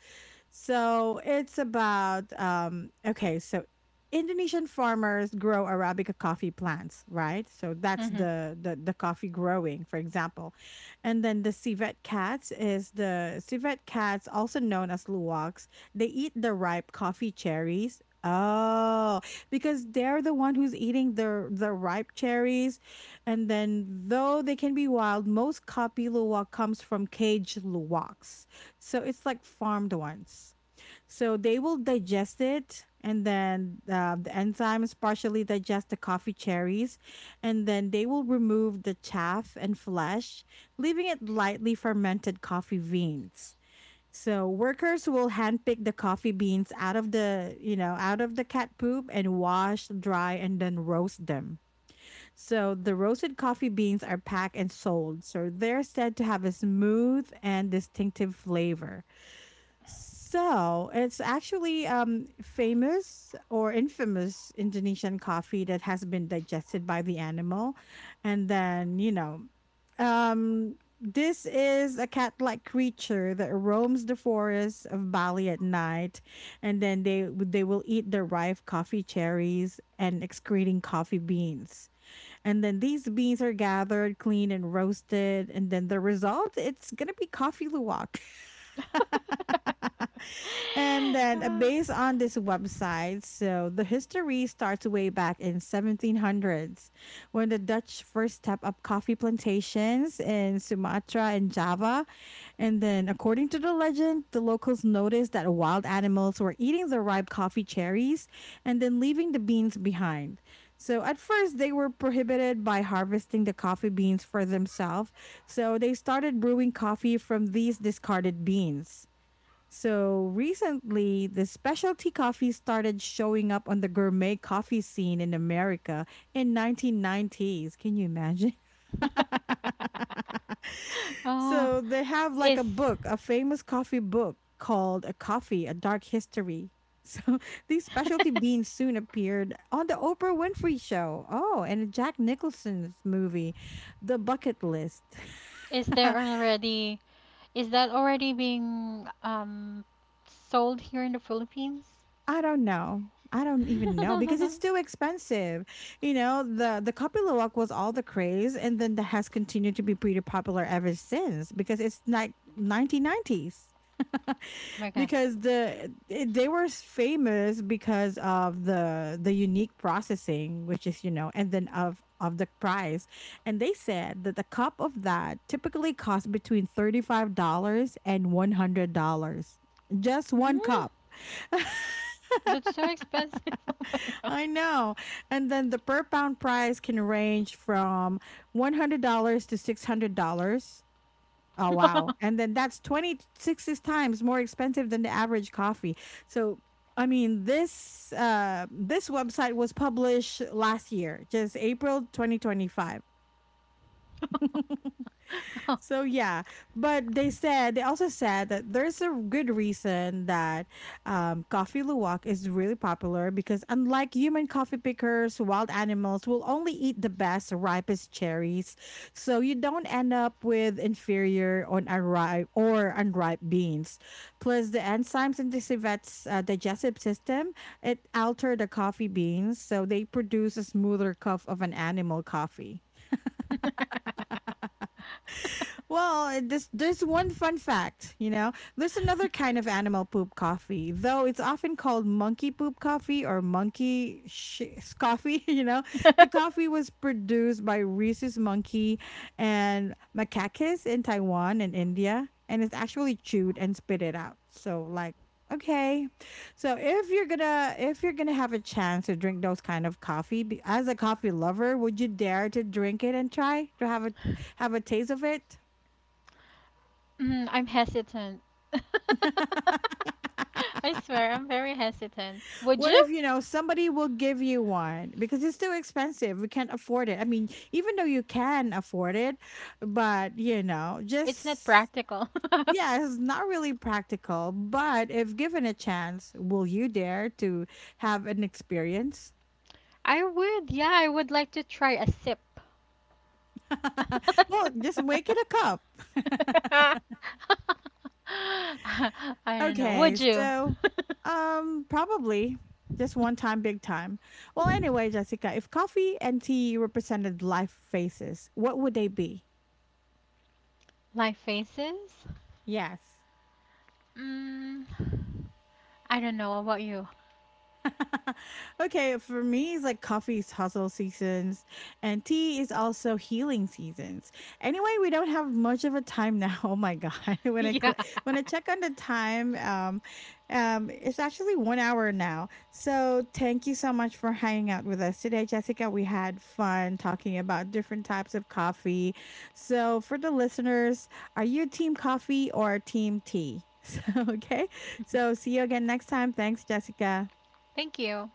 S1: So it's about um okay, so Indonesian farmers grow arabica coffee plants, right? So that's
S2: Mhm.
S1: the the, the coffee growing, for example. And then the civet cats is the civet cats, also known as luwaks. They eat the ripe coffee cherries. Oh, because they're the one who's eating the the ripe cherries, and then though they can be wild, most copy luwak comes from cage luwaks. So it's like farmed ones. So they will digest it, and then uh, the enzymes partially digest the coffee cherries, and then they will remove the chaff and flesh, leaving it lightly fermented coffee beans. So workers will handpick the coffee beans out of the, you know, out of the cat poop and wash, dry, and then roast them. So the roasted coffee beans are packed and sold. So they're said to have a smooth and distinctive flavor. So it's actually um, famous or infamous Indonesian coffee that has been digested by the animal. And then, you know, um, this is a cat like creature that roams the forests of Bali at night. And then they, they will eat the ripe coffee cherries and excreting coffee beans. And then these beans are gathered, cleaned, and roasted. And then the result, it's going to be coffee luwak. And then, uh,
S2: Ah.
S1: based on this website, so the history starts way back in seventeen hundreds when the Dutch first stepped up coffee plantations in Sumatra and Java. And then, according to the legend, the locals noticed that wild animals were eating the ripe coffee cherries and then leaving the beans behind. So, at first, they were prohibited by harvesting the coffee beans for themselves. So, they started brewing coffee from these discarded beans. So recently, the specialty coffee started showing up on the gourmet coffee scene in America in nineteen nineties. Can you imagine?
S2: Oh,
S1: So they have like a
S2: is
S1: book, a famous coffee book called A Coffee: A Dark History. So these specialty beans soon appeared on the Oprah Winfrey show. Oh, and Jack Nicholson's movie, The Bucket List.
S2: is there already, is that already being um sold here in the Philippines?
S1: I don't know. I don't even know because it's too expensive. You know, the the Kapilawak was all the craze and then that has continued to be pretty popular ever since because it's like nineteen nineties
S2: Oh my god.
S1: because the it, they were famous because of the the unique processing which is you know and then of of the price, and they said that the cup of that typically costs between thirty-five dollars and one hundred dollars, just one
S2: Mm,
S1: cup.
S2: that's so expensive. Oh my god.
S1: I know. And then the per pound price can range from one hundred dollars to six hundred dollars. Oh, wow. And then that's twenty-six times more expensive than the average coffee. So, I mean, this uh, this website was published last year, just April twenty twenty-five.
S2: Oh.
S1: So yeah, but they said they also said that there's a good reason that um, coffee luwak is really popular because unlike human coffee pickers, wild animals will only eat the best ripest cherries, so you don't end up with inferior on unripe or unripe beans. Plus, the enzymes in the civette's uh, digestive system it alter the coffee beans, so they produce a smoother cup of an animal coffee. Well, uh, this there's one fun fact, you know. There's another kind of animal poop coffee, though it's often called monkey poop coffee or monkey sh- coffee, you know. The coffee was produced by rhesus monkey and macacus in Taiwan and India, and it's actually chewed and spit it out. So like okay so if you're gonna if you're gonna have a chance to drink those kind of coffee be- as a coffee lover would you dare to drink it and try to have a have a taste of it?
S2: Mm, I'm hesitant. I swear, I'm very hesitant. Would
S1: What
S2: you?
S1: if, you know, somebody will give you one because it's too expensive. We can't afford it. I mean, even though you can afford it, but, you know,
S2: It's not
S1: just,
S2: practical.
S1: yeah, it's not really practical. But if given a chance, will you dare to have an experience?
S2: I would, yeah, I would like to try a sip.
S1: Well, just make it a cup.
S2: I don't know.
S1: Okay,
S2: Would you?
S1: so um probably just one time big time. Well, anyway, Jessica, if coffee and tea represented life phases, what would they be?
S2: Like faces?
S1: Yes.
S2: Mm, I don't know. What about you?
S1: Okay, for me, it's like coffee is hustle seasons, and tea is also healing seasons. Anyway, we don't have much of a time now. Oh my god! When I
S2: Yeah.
S1: cl- when I check on the time, um, um, it's actually one hour now. So thank you so much for hanging out with us today, Jessica. We had fun talking about different types of coffee. So for the listeners, are you team coffee or team tea? So okay, so see you again next time. Thanks, Jessica.
S2: Thank you.